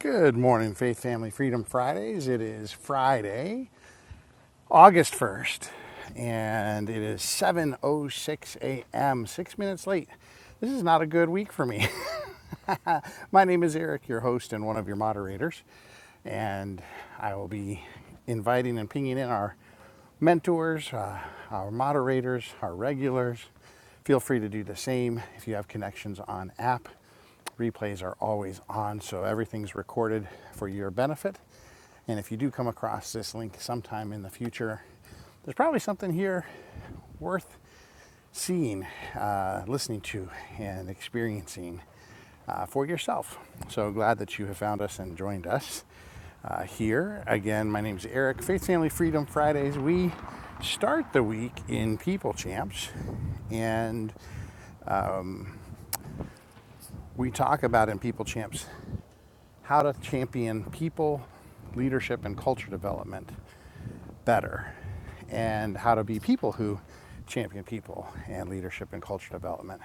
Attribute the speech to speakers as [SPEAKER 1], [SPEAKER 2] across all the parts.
[SPEAKER 1] Good morning, Faith Family Freedom Fridays. It is Friday, August 1st, and it is 7:06 a.m., 6 minutes late. This is not a good week for me. My name is Eric, your host and one of your moderators, and I will be inviting and pinging in our mentors, uh, our moderators, our regulars. Feel free to do the same if you have connections on app. Replays are always on, so everything's recorded for your benefit. And if you do come across this link sometime in the future, there's probably something here worth seeing, uh, listening to, and experiencing uh, for yourself. So glad that you have found us and joined us uh, here. Again, my name is Eric. Faith, Family, Freedom Fridays. We start the week in People Champs, and we talk about in People Champs how to champion people, leadership, and culture development better, and how to be people who champion people and leadership and culture development.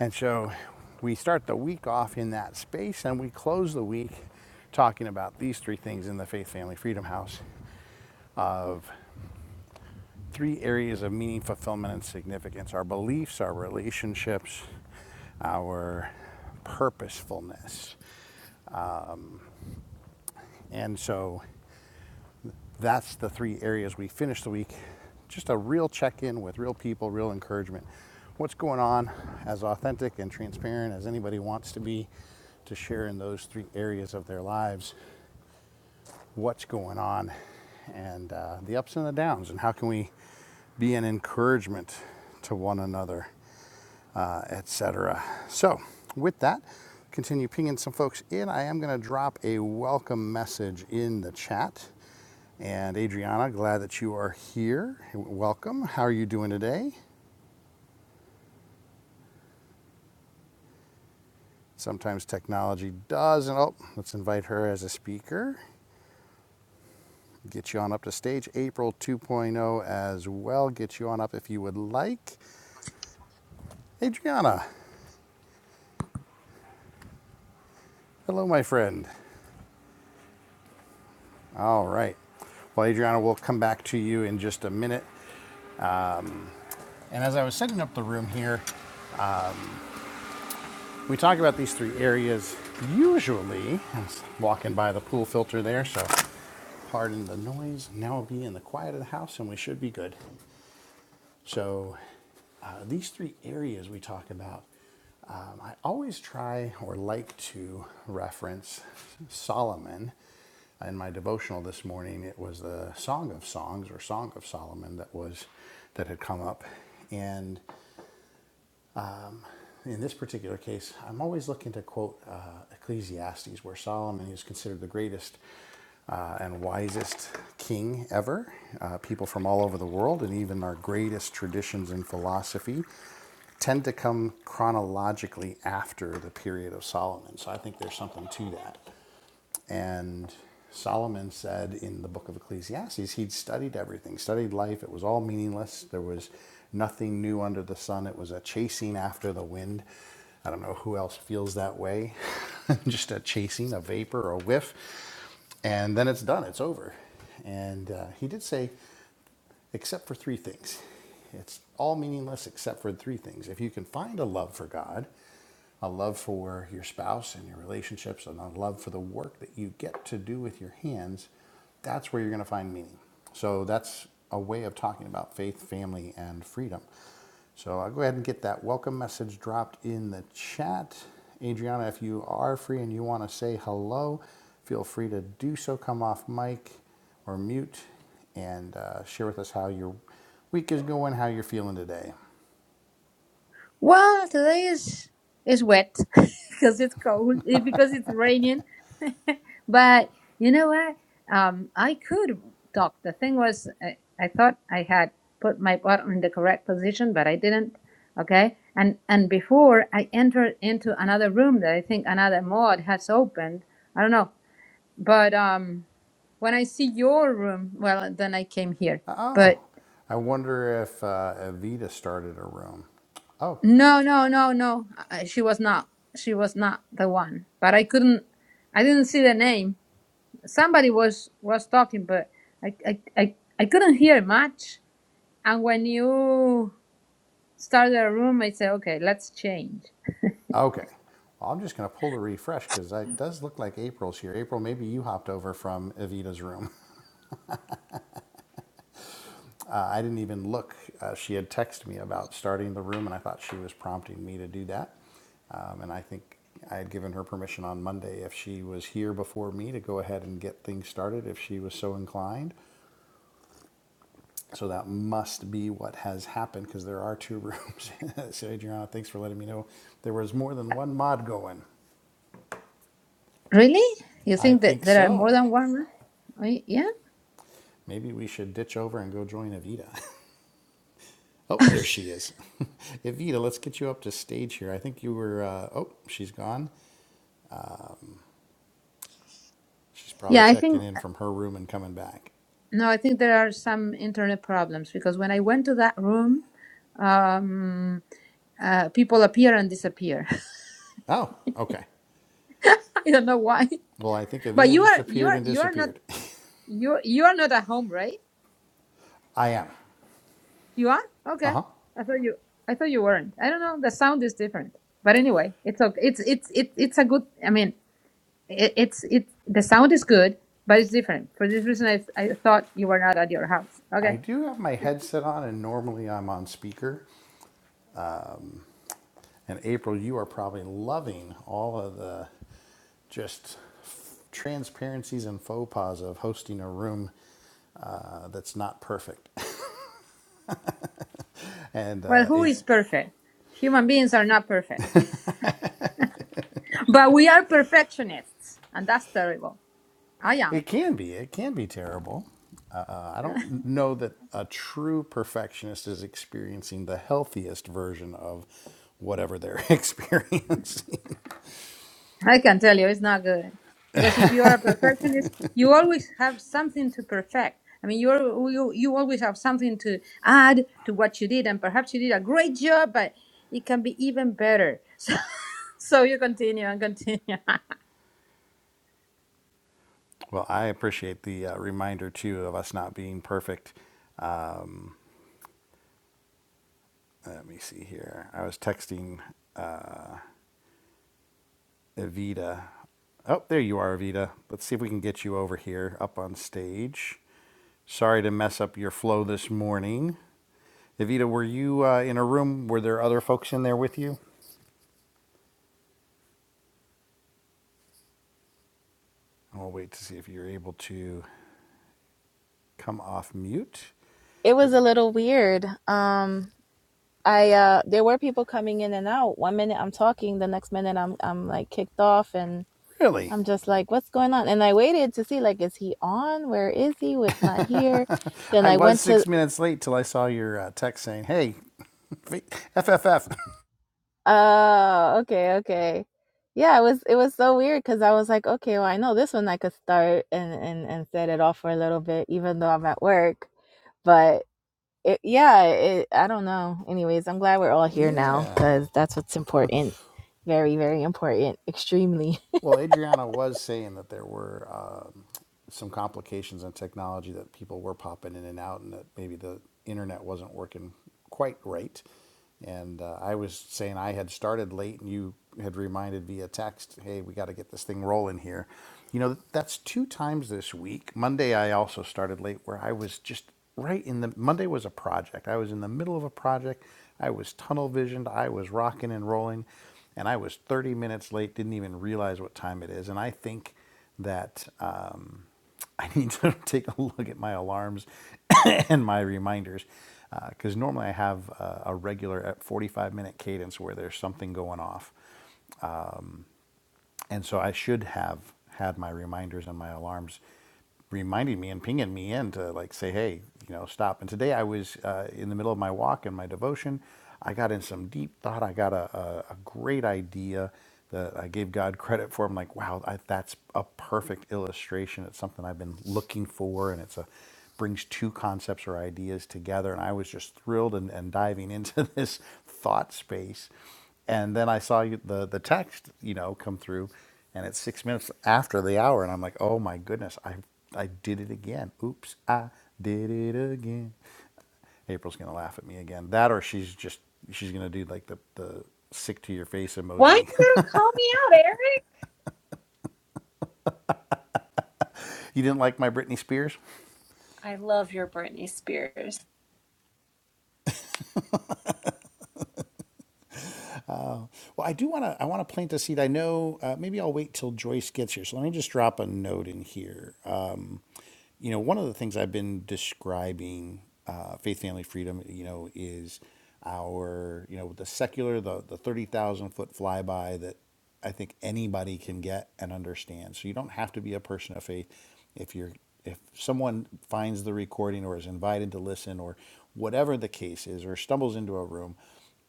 [SPEAKER 1] And so we start the week off in that space and we close the week talking about these three things in the Faith Family Freedom House of three areas of meaning, fulfillment, and significance our beliefs, our relationships, our purposefulness. And so That's the three areas we finish the week. Just a real check in with real people, real encouragement. What's going on, as authentic and transparent as anybody wants to be, to share in those three areas of their lives. What's going on, and uh, the ups and the downs, and how can we be an encouragement to one another? uh, etc. So, with that, continue pinging some folks in. I am going to drop a welcome message in the chat. And Adriana, glad that you are here. Welcome. How are you doing today? Sometimes technology doesn't. Oh, let's invite her as a speaker. Get you on up to stage. April 2.0 as well. Get you on up if you would like. Adriana, hello, my friend. All right. Well, Adriana, we'll come back to you in just a minute. And as I was setting up the room here, we talk about these three areas usually. I'm walking by the pool filter there, so pardon the noise. Now we'll be in the quiet of the house and we should be good. So, uh, these three areas we talk about, um, I always try or like to reference Solomon. In my devotional this morning, it was the Song of Songs or Song of Solomon that was that had come up, and in this particular case, I'm always looking to quote uh, Ecclesiastes, where Solomon is considered the greatest uh, and wisest king ever. Uh, people from all over the world, and even our greatest traditions in philosophy, tend to come chronologically after the period of Solomon. So I think there's something to that. And Solomon said in the book of Ecclesiastes, he'd studied everything, studied life. It was all meaningless. There was nothing new under the sun. It was a chasing after the wind. I don't know who else feels that way. Just a chasing, a vapor, a whiff. And then it's done, it's over. And uh, he did say except for three things. It's all meaningless except for three things. If you can find a love for God, a love for your spouse and your relationships, and a love for the work that you get to do with your hands, that's where you're going to find meaning. So that's a way of talking about faith, family, and freedom. So I'll go ahead and get that welcome message dropped in the chat. Adriana, if you are free and you want to say hello, feel free to do so. Come off mic or mute and uh, share with us how your week is going, how you're feeling today.
[SPEAKER 2] Well, today is is wet because it's cold eh, because it's raining. but you know what? Um, I could talk. The thing was, I, I thought I had put my bottom in the correct position, but I didn't. Okay, and and before I entered into another room that I think another mod has opened. I don't know, but um, when I see your room, well, then I came here.
[SPEAKER 1] Oh,
[SPEAKER 2] But
[SPEAKER 1] I wonder if uh, Evita started a room. Oh,
[SPEAKER 2] No, no, no, no. I- She was not. She was not the one. But I couldn't. I didn't see the name. Somebody was was talking, but I I I, I couldn't hear much. And when you started a room, I said, okay, let's change.
[SPEAKER 1] okay. Well, I'm just going to pull to refresh because it does look like April's here. April, maybe you hopped over from Evita's room. Uh, I didn't even look. Uh, she had texted me about starting the room, and I thought she was prompting me to do that. Um, and I think I had given her permission on Monday if she was here before me to go ahead and get things started if she was so inclined. So that must be what has happened because there are two rooms. so, Adriana, thanks for letting me know. There was more than one mod going.
[SPEAKER 2] Really? You
[SPEAKER 1] I
[SPEAKER 2] think that
[SPEAKER 1] think
[SPEAKER 2] there are more
[SPEAKER 1] so.
[SPEAKER 2] than one? room? Wait, Yeah.
[SPEAKER 1] Maybe we should ditch over and go join Evita. oh, there she is. Evita, let's get you up to stage here. I think you were, uh, oh, she's gone. She's probably
[SPEAKER 2] Yeah, I
[SPEAKER 1] checking
[SPEAKER 2] think
[SPEAKER 1] in from her room and coming back.
[SPEAKER 2] no. I think there are some internet problems because when I went to that room, um, uh, people appear and disappear.
[SPEAKER 1] Oh, okay.
[SPEAKER 2] I don't know why.
[SPEAKER 1] Well, I think
[SPEAKER 2] But
[SPEAKER 1] Evita
[SPEAKER 2] you
[SPEAKER 1] just
[SPEAKER 2] are you
[SPEAKER 1] appeared
[SPEAKER 2] are
[SPEAKER 1] and
[SPEAKER 2] you are not
[SPEAKER 1] disappeared.
[SPEAKER 2] you you are not at home, right?
[SPEAKER 1] I am.
[SPEAKER 2] You are?
[SPEAKER 1] Uh
[SPEAKER 2] Okay.
[SPEAKER 1] huh.
[SPEAKER 2] I thought you I thought you weren't. I don't know. The sound is different. But anyway, it's okay. It's it's it's it's a good. I mean, it, it's it's the sound is good, but it's different. For this reason, I I thought you were not at your house.
[SPEAKER 1] I
[SPEAKER 2] Okay.
[SPEAKER 1] do have my headset on, and normally I'm on speaker. And April, you are probably loving all of the just transparencies and faux pas of hosting a room uh, that's not perfect. And
[SPEAKER 2] Well,
[SPEAKER 1] uh,
[SPEAKER 2] who
[SPEAKER 1] it,
[SPEAKER 2] is perfect? Human beings are not perfect, but we are perfectionists, and that's terrible. I am.
[SPEAKER 1] It can be. It can be terrible. Uh, I don't know that a true perfectionist is experiencing the healthiest version of whatever they're experiencing.
[SPEAKER 2] I can tell you it's not good because if you are a perfectionist, you always have something to perfect. I mean, you're, you you always have something to add to what you did, and perhaps you did a great job, but it can be even better. So, so you continue and continue.
[SPEAKER 1] well, I appreciate the uh, reminder too of us not being perfect. Let me see here. I was texting Evita. Oh, there you are, Evita. Let's see if we can get you over here up on stage. Sorry to mess up your flow this morning. Evita, were you uh, in a room? Were there other folks in there with you? And we'll wait to see if you're able to come off mute.
[SPEAKER 3] it
[SPEAKER 1] But
[SPEAKER 3] was a little weird. Um, I uh, there were people coming in and out. One minute I'm talking, the next minute I'm I'm like kicked off, and
[SPEAKER 1] really,
[SPEAKER 3] I'm just like, what's going on? And I waited to see like, is he on? Where is he? It's not here. Then
[SPEAKER 1] I
[SPEAKER 3] I
[SPEAKER 1] was
[SPEAKER 3] went to.
[SPEAKER 1] six minutes late till I saw your uh, text saying, hey, FFF.
[SPEAKER 3] Oh, okay, okay. Yeah, it was it was so weird because I was like, okay, well, I know this one I could start and and and set it off for a little bit, even though I'm at work, but it, yeah, it, I don't know. Anyways, I'm glad we're all here now
[SPEAKER 1] yeah.
[SPEAKER 3] because that's what's important. Very, very important. Extremely.
[SPEAKER 1] Well, Adriana was saying that there were um, some complications in technology that people were popping in and out, and that maybe the internet wasn't working quite right. And uh, I was saying I had started late, and you had reminded via text, "Hey, we got to get this thing rolling here." You know, that's two times this week. Monday, I also started late, where I was just right in the Monday was a project. I was in the middle of a project. I was tunnel visioned. I was rocking and rolling and I was 30 minutes late, didn't even realize what time it is. And I think that um, I need to take a look at my alarms and my reminders because uh, normally I have a, a regular uh, 45 minute cadence where there's something going off. And so I should have had my reminders and my alarms reminding me and pinging me in to like say, hey, you know, stop. And today I was uh, in the middle of my walk and my devotion. I got in some deep thought. I got a, a, a great idea that I gave God credit for. I'm like, wow, I, that's a perfect illustration. It's something I've been looking for, and it's a brings two concepts or ideas together. And I was just thrilled and, and diving into this thought space and then I saw the the text, you know, come through, and it's six minutes after the hour, and I'm like, oh my goodness, I I did it again. Oops, I did it again. April's gonna laugh at me again. That or she's just she's gonna do like the the sick to your face
[SPEAKER 4] Why are you
[SPEAKER 1] emoji.
[SPEAKER 4] going to call me out, Eric?
[SPEAKER 1] you didn't like my Britney Spears?
[SPEAKER 4] I love your Britney Spears.
[SPEAKER 1] Uh, well, I do wanna I wanna plant a seed. I know uh, maybe I'll wait till Joyce gets here. So let me just drop a note in here. you know, one of the things I've been describing uh, faith, family, freedom, you know, is our, you know, the secular, the, the 30,000 foot flyby that I think anybody can get and understand. So you don't have to be a person of faith. If you're, if someone finds the recording or is invited to listen or whatever the case is or stumbles into a room,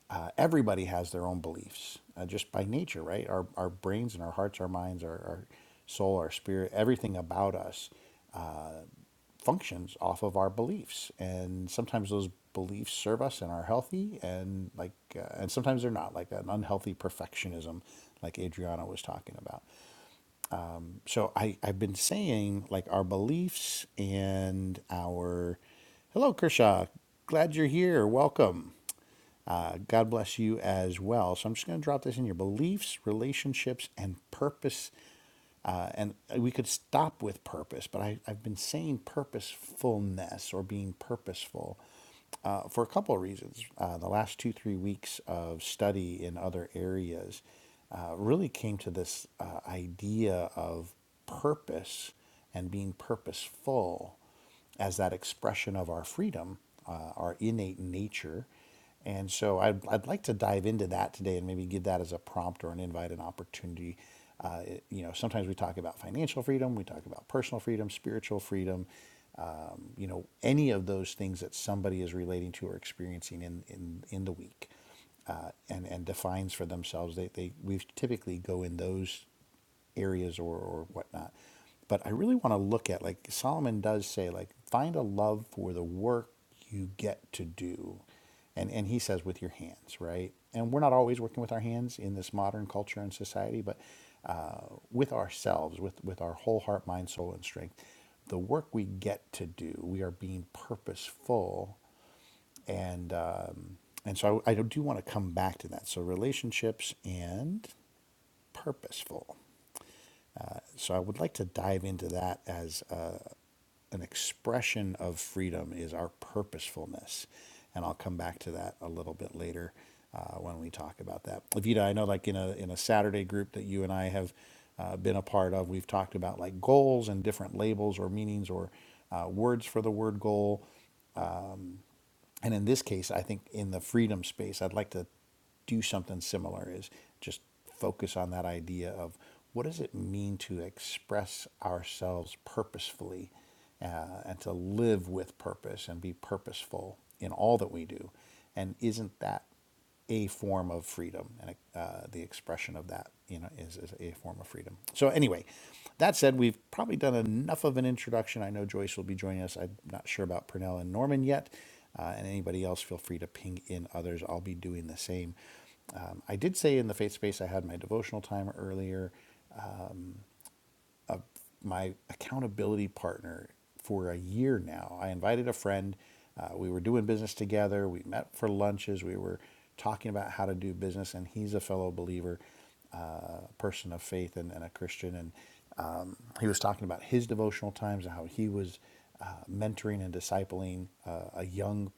[SPEAKER 1] uh, everybody has their own beliefs uh, just by nature, right? Our, our brains and our hearts, our minds, our, our soul, our spirit, everything about us functions off of our beliefs and sometimes those beliefs serve us and are healthy and like uh, and sometimes they're not like an unhealthy perfectionism like adriana was talking about so i i've been saying like our beliefs and our hello kershaw glad you're here welcome uh, god bless you as well so i'm just going to drop this in your beliefs relationships and purpose uh, and we could stop with purpose, but I, I've been saying purposefulness or being purposeful uh, for a couple of reasons. Uh, the last two, three weeks of study in other areas uh, really came to this uh, idea of purpose and being purposeful as that expression of our freedom, uh, our innate nature. And so I'd, I'd like to dive into that today and maybe give that as a prompt or an invite, an opportunity. Uh, it- you know, sometimes we talk about financial freedom, we talk about personal freedom, spiritual freedom, um, you know, any of those things that somebody is relating to or experiencing in, in, in the week uh, and, and defines for themselves. They, they, we typically go in those areas or, or whatnot. But I really want to look at, like Solomon does say, like find a love for the work you get to do. And, and he says with your hands, right? And we're not always working with our hands in this modern culture and society, but uh, with ourselves, with, with our whole heart, mind, soul, and strength, the work we get to do, we are being purposeful and um, and so I, I do want to come back to that. So relationships and purposeful. So I would like to dive into that as uh, an expression of freedom is our purposefulness, and I'll come back to that a little bit later uh, when we talk about that. Levita, I know like in a in a Saturday group that you and I have uh, been a part of, we've talked about like goals and different labels or meanings or uh, words for the word goal and in this case, I think in the freedom space, I'd like to do something similar is just focus on that idea of what does it mean to express ourselves purposefully uh, and to live with purpose and be purposeful in all that we do? And isn't that a form of freedom, and uh, the expression of that, you know, is, is a form of freedom. So anyway, that said, we've probably done enough of an introduction. I know Joyce will be joining us. I'm not sure about Purnell and Norman yet, uh, and anybody else. Feel free to ping in others. I'll be doing the same. Um, I did say in the faith space I had my devotional time earlier my accountability partner for a year now. I invited a friend. Uh, we were doing business together. We met for lunches. We were talking about how to do business, and he's a fellow believer, uh, person of faith, and, and a Christian. And um, he was talking about his devotional times and how he was uh, mentoring and discipling uh, a young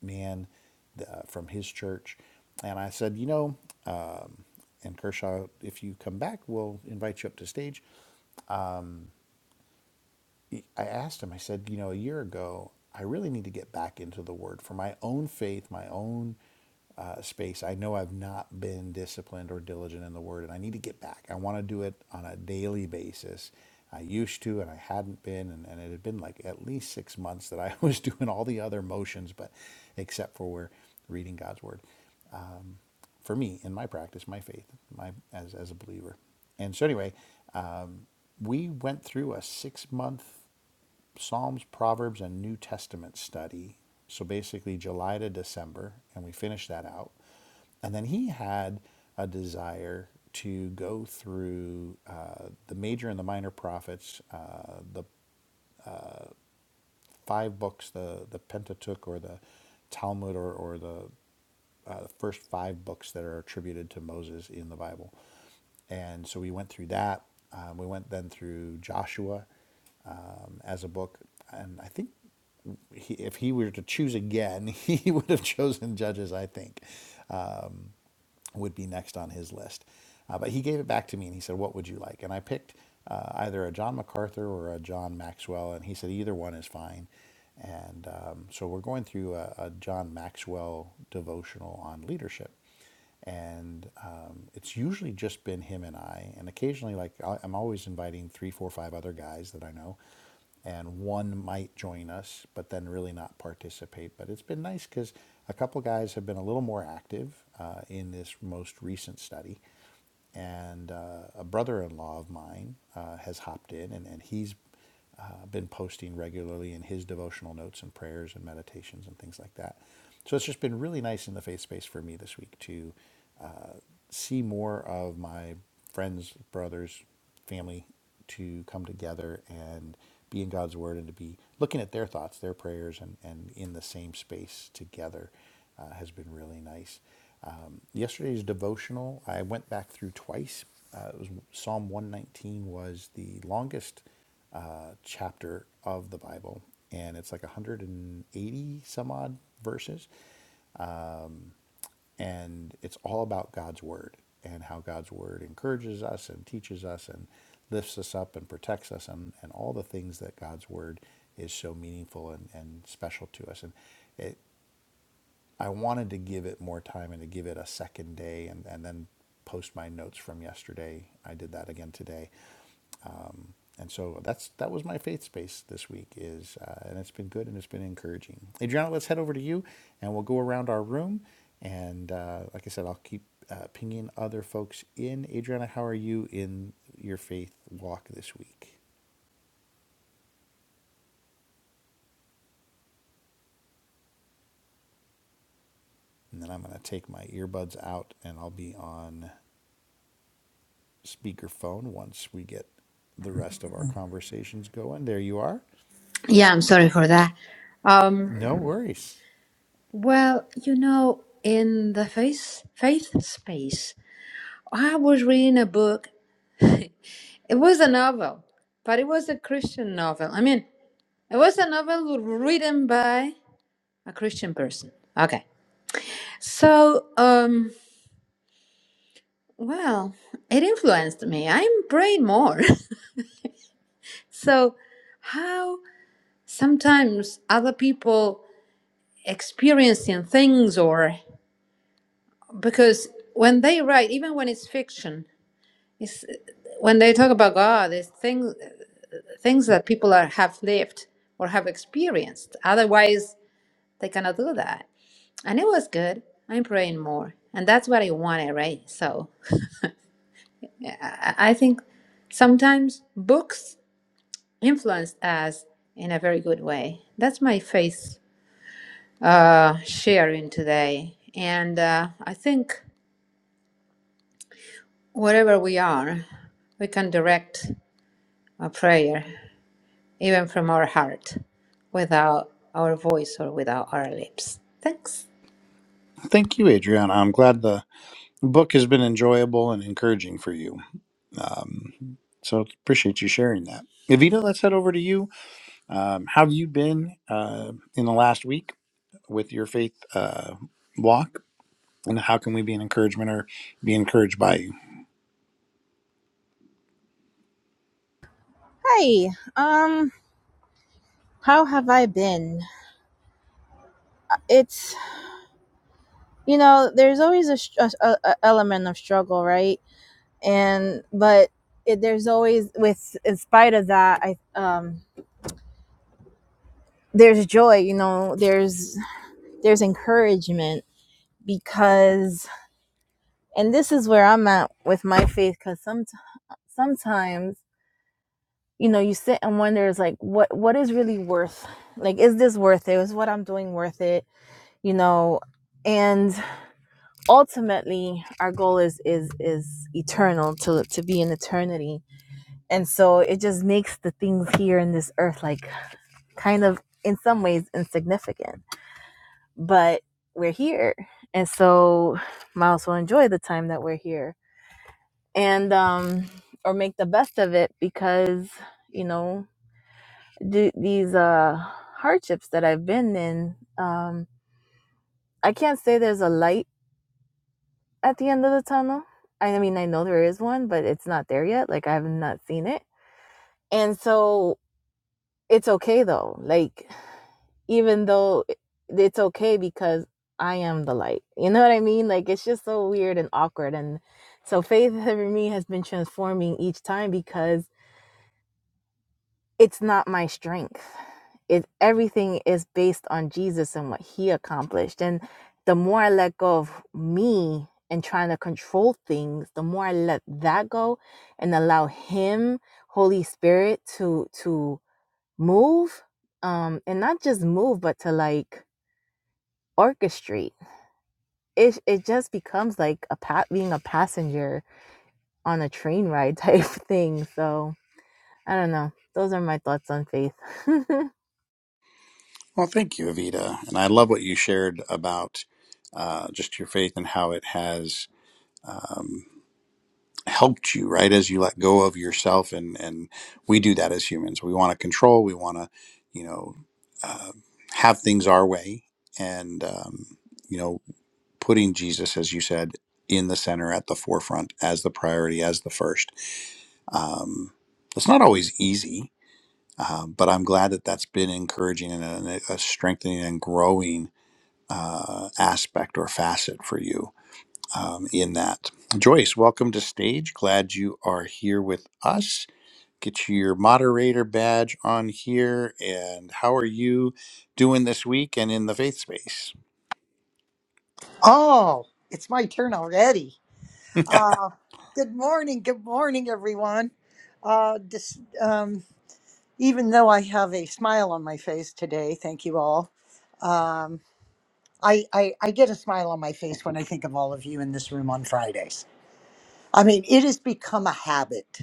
[SPEAKER 1] man uh, from his church. And I said, you know, and Kershaw, if you come back, we'll invite you up to stage. I asked him, I said, you know, a year ago, I really need to get back into the word for my own faith, my own uh, space. I know I've not been disciplined or diligent in the word, and I need to get back. I want to do it on a daily basis. I used to, and I hadn't been, and, and it had been like at least six months that I was doing all the other motions, but except for where reading God's word Um, for me in my practice, my faith, my as as a believer. And so anyway, um, we went through a six month. Psalms, Proverbs, and New Testament study. So basically, July to December, and we finished that out. And then he had a desire to go through uh, the major and the minor prophets, uh, the five books, the, the Pentateuch or the Talmud or, or the uh, the first five books that are attributed to Moses in the Bible. And so we went through that. Um, we went then through Joshua um, as a book. And I think he, if he were to choose again, he would have chosen Judges, I think. Um, would be next on his list. Uh, but he gave it back to me and he said, What would you like? And I picked uh, either a John MacArthur or a John Maxwell. And he said, Either one is fine. And um, so we're going through a, a John Maxwell devotional on leadership. And um, it's usually just been him and I. And occasionally, like, I- I'm always inviting three, four, five other guys that I know and one might join us, but then really not participate. But it's been nice because a couple guys have been a little more active uh, in this most recent study, and uh, a brother-in-law of mine uh, has hopped in, and, and he's uh, been posting regularly in his devotional notes and prayers and meditations and things like that. So it's just been really nice in the faith space for me this week to uh, see more of my friends, brothers, family to come together and be in God's Word and to be looking at their thoughts, their prayers, and, and in the same space together uh, has been really nice. Um, yesterday's devotional, I went back through twice. Uh, it was Psalm 119 was the longest uh, chapter of the Bible, and it's like 180 some odd verses and it's all about God's word and how God's word encourages us and teaches us and lifts us up and protects us and, and all the things that God's word is so meaningful and, and special to us. And it, I wanted to give it more time and to give it a second day and, and then post my notes from yesterday. I did that again today and so that's that was my faith space this week is, uh, and it's been good and it's been encouraging. Adriana, let's head over to you, and we'll go around our room. And uh, like I said, I'll keep uh, pinging other folks in. Adriana, how are you in your faith walk this week? And then I'm going to take my earbuds out, and I'll be on speakerphone once we get the rest of our conversations going. There you are.
[SPEAKER 2] Yeah, I'm sorry for that. Um,
[SPEAKER 1] No worries.
[SPEAKER 2] well, you know, in the faith faith space, I was reading a book. It was a novel, but it was a Christian novel. I mean, it was a novel written by a Christian person. Okay. So, um, well, it influenced me. I'm praying more. so, how sometimes other people experiencing things, or because when they write, even when it's fiction, it's when they talk about God, it's things things that people are have lived or have experienced. Otherwise, they cannot do that. And it was good. I'm praying more, and that's what I wanted, right? So. I I think sometimes books influence us in a very good way. That's my faith uh, sharing today. And uh, I think wherever we are, we can direct a prayer, even from our heart, without our voice or without our lips. Thanks.
[SPEAKER 1] Thank you, Adriana. I'm glad the book has been enjoyable and encouraging for you. Um, so appreciate you sharing that. Evita, let's head over to you. Um, how have you been uh, in the last week with your faith uh, walk? And how can we be an encouragement or be encouraged by you?
[SPEAKER 3] Hi. Um. How have I been? It's you know, there's always a, a, a element of struggle, right? And but it, there's always with in spite of that, I um there's joy. You know, there's there's encouragement because, and this is where I'm at with my faith, because sometimes sometimes you know you sit and wonder is like what what is really worth like is this worth it is what i'm doing worth it you know and ultimately our goal is is is eternal to to be in eternity and so it just makes the things here in this earth like kind of in some ways insignificant but we're here and so might as well enjoy the time that we're here and um or make the best of it because you know d- these uh, hardships that I've been in, um, I can't say there's a light at the end of the tunnel. I mean, I know there is one, but it's not there yet. Like I have not seen it, and so it's okay though. Like even though it's okay because I am the light. You know what I mean? Like it's just so weird and awkward, and so faith for me has been transforming each time because it's not my strength. It everything is based on Jesus and what he accomplished. And the more I let go of me and trying to control things, the more I let that go and allow him, Holy Spirit, to to move. Um, and not just move, but to like orchestrate. It it just becomes like a pa- being a passenger on a train ride type thing. So I don't know. Those are my thoughts on faith.
[SPEAKER 1] Well, thank you, Evita. And I love what you shared about uh, just your faith and how it has. helped you right as you let go of yourself and and we do that as humans we want to control we want to you know uh, have things our way and um, you know putting jesus as you said in the center at the forefront as the priority as the first um, it's not always easy um, but i'm glad that that's been encouraging and a, a strengthening and growing uh, aspect or facet for you um, in that. Joyce, welcome to stage. Glad you are here with us. Get your moderator badge on here. And how are you doing this week and in the faith space?
[SPEAKER 5] Oh, it's my turn already. Uh, good morning, good morning, everyone. Uh, dis um, even though I have a smile on my face today, thank you all. Um, I, I, I get a smile on my face when I think of all of you in this room on Fridays. I mean, it has become a habit.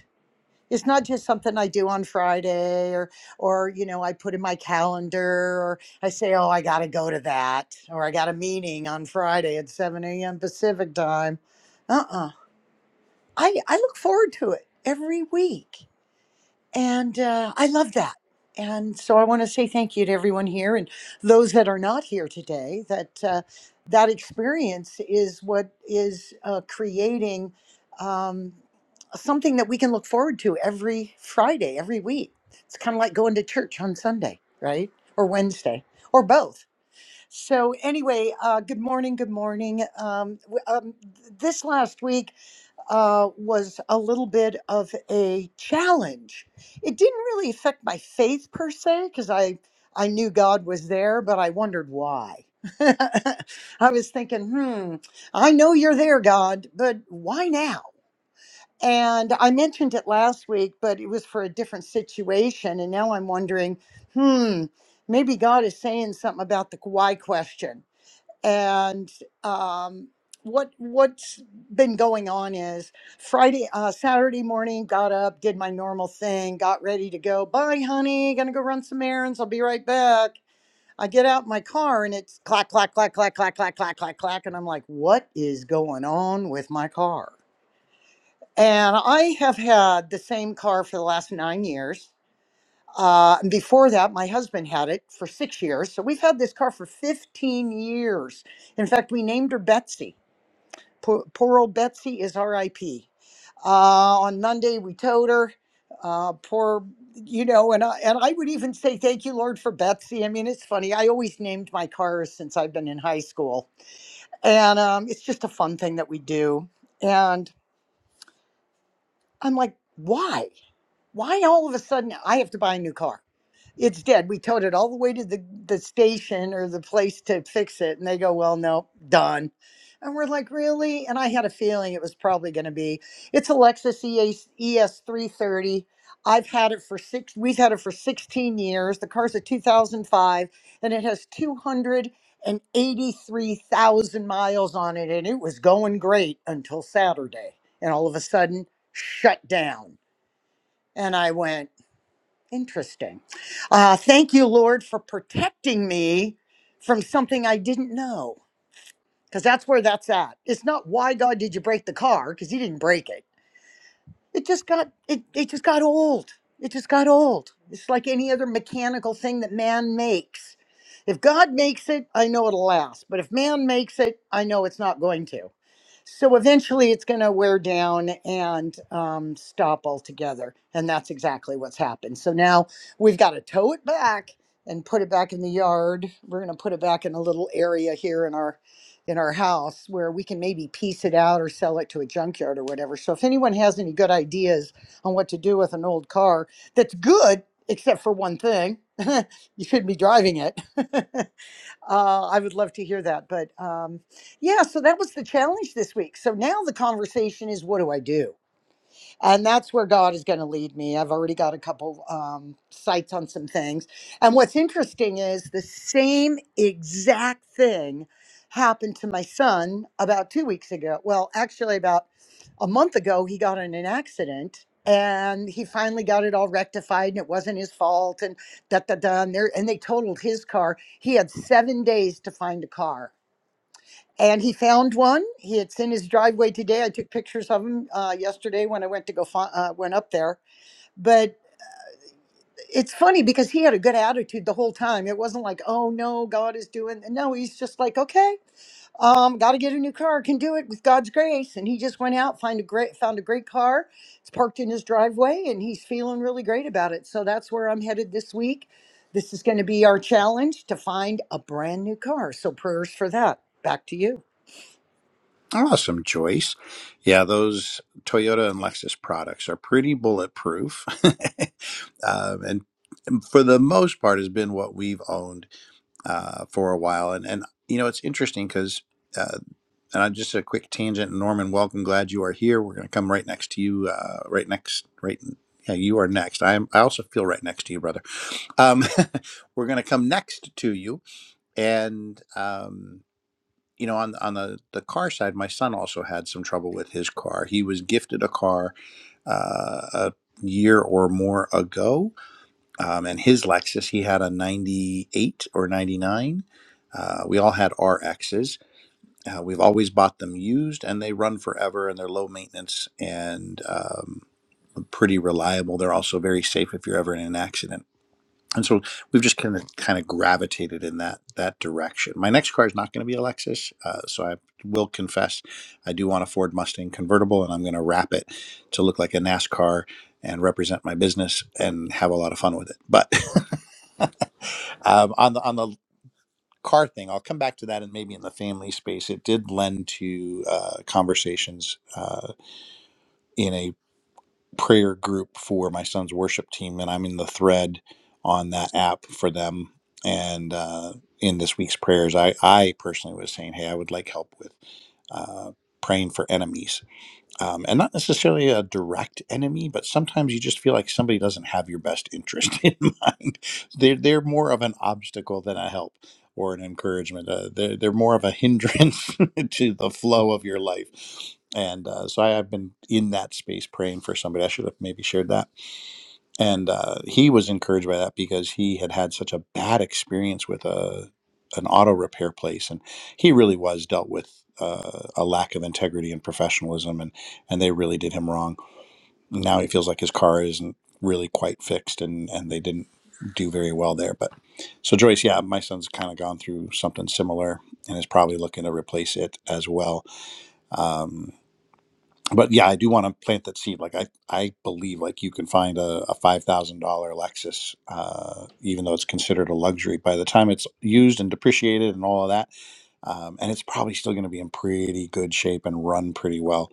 [SPEAKER 5] It's not just something I do on Friday or or you know I put in my calendar or I say oh I got to go to that or I got a meeting on Friday at 7 a.m. Pacific time. Uh-uh. I I look forward to it every week. And uh, I love that. And so I want to say thank you to everyone here and those that are not here today. That uh, that experience is what is uh, creating um, something that we can look forward to every Friday, every week. It's kind of like going to church on Sunday, right? Or Wednesday, or both. So anyway, uh, good morning, good morning. Um, w- um, this last week uh, was a little bit of a challenge. It didn't really affect my faith per se, because I I knew God was there, but I wondered why. I was thinking, hmm, I know you're there, God, but why now? And I mentioned it last week, but it was for a different situation. And now I'm wondering, hmm, maybe God is saying something about the why question and um, what what's been going on is Friday, uh, Saturday morning, got up, did my normal thing, got ready to go. Bye, honey. Gonna go run some errands. I'll be right back. I get out my car and it's clack clack clack clack clack clack clack clack clack, and I'm like, what is going on with my car? And I have had the same car for the last nine years uh, and before that, my husband had it for six years. So we've had this car for 15 years. In fact, we named her Betsy. Poor, poor old Betsy is RIP. Uh, on Monday, we towed her. Uh, poor, you know, and I, and I would even say thank you, Lord, for Betsy. I mean, it's funny. I always named my cars since I've been in high school. And um, it's just a fun thing that we do. And I'm like, why? Why all of a sudden I have to buy a new car? It's dead. We towed it all the way to the, the station or the place to fix it. And they go, well, no, done. And we're like, really? And I had a feeling it was probably going to be. It's a Lexus ES, ES330. I've had it for six, we've had it for 16 years. The car's a 2005 and it has 283,000 miles on it. And it was going great until Saturday. And all of a sudden, shut down. And I went, Interesting. Uh, thank you, Lord, for protecting me from something I didn't know. Because that's where that's at. It's not why God did you break the car, because He didn't break it it just got it, it just got old it just got old it's like any other mechanical thing that man makes if god makes it i know it'll last but if man makes it i know it's not going to so eventually it's going to wear down and um, stop altogether and that's exactly what's happened so now we've got to tow it back and put it back in the yard we're going to put it back in a little area here in our in our house where we can maybe piece it out or sell it to a junkyard or whatever. So if anyone has any good ideas on what to do with an old car that's good, except for one thing, you shouldn't be driving it. uh, I would love to hear that. But um, yeah, so that was the challenge this week. So now the conversation is what do I do? and that's where God is going to lead me. I've already got a couple um, sites on some things. And what's interesting is the same exact thing happened to my son about two weeks ago. Well, actually, about a month ago, he got in an accident and he finally got it all rectified and it wasn't his fault and da da da. And, there- and they totaled his car. He had seven days to find a car and he found one. He it's in his driveway today. I took pictures of him uh, yesterday when I went to go fi- uh, went up there. But it's funny because he had a good attitude the whole time. It wasn't like, oh no, God is doing. No, he's just like, okay, um, got to get a new car. Can do it with God's grace. And he just went out, find a great, found a great car. It's parked in his driveway, and he's feeling really great about it. So that's where I'm headed this week. This is going to be our challenge to find a brand new car. So prayers for that. Back to you.
[SPEAKER 1] Awesome, Joyce. Yeah, those Toyota and Lexus products are pretty bulletproof. um, and for the most part, has been what we've owned uh, for a while. And, and you know, it's interesting because. And I'm just a quick tangent. Norman, welcome. Glad you are here. We're going to come right next to you. Uh, right next, right. Yeah, you are next. I am. I also feel right next to you, brother. Um, we're going to come next to you, and um, you know, on on the the car side, my son also had some trouble with his car. He was gifted a car uh, a year or more ago, um, and his Lexus, he had a '98 or '99. Uh, we all had RXs uh, we've always bought them used, and they run forever, and they're low maintenance and um, pretty reliable. They're also very safe if you're ever in an accident. And so we've just kind of kind of gravitated in that that direction. My next car is not going to be a Lexus, uh, so I will confess I do want a Ford Mustang convertible, and I'm going to wrap it to look like a NASCAR and represent my business and have a lot of fun with it. But um, on the on the car thing. I'll come back to that, and maybe in the family space, it did lend to uh, conversations uh, in a prayer group for my son's worship team, and I'm in the thread on that app for them. And uh, in this week's prayers, I I personally was saying, hey, I would like help with uh, praying for enemies um, and not necessarily a direct enemy, but sometimes you just feel like somebody doesn't have your best interest in mind. They're they're more of an obstacle than a help or an encouragement. Uh, they're they're more of a hindrance to the flow of your life. And uh, so I, I've been in that space praying for somebody. I should have maybe shared that and uh, he was encouraged by that because he had had such a bad experience with a an auto repair place, and he really was dealt with uh, a lack of integrity and professionalism, and and they really did him wrong. Now he feels like his car isn't really quite fixed, and and they didn't do very well there. But so Joyce, yeah, my son's kind of gone through something similar, and is probably looking to replace it as well. Um, but yeah, I do want to plant that seed. Like I, I believe like you can find a, a five thousand dollar Lexus, uh, even though it's considered a luxury. By the time it's used and depreciated and all of that, um, and it's probably still going to be in pretty good shape and run pretty well.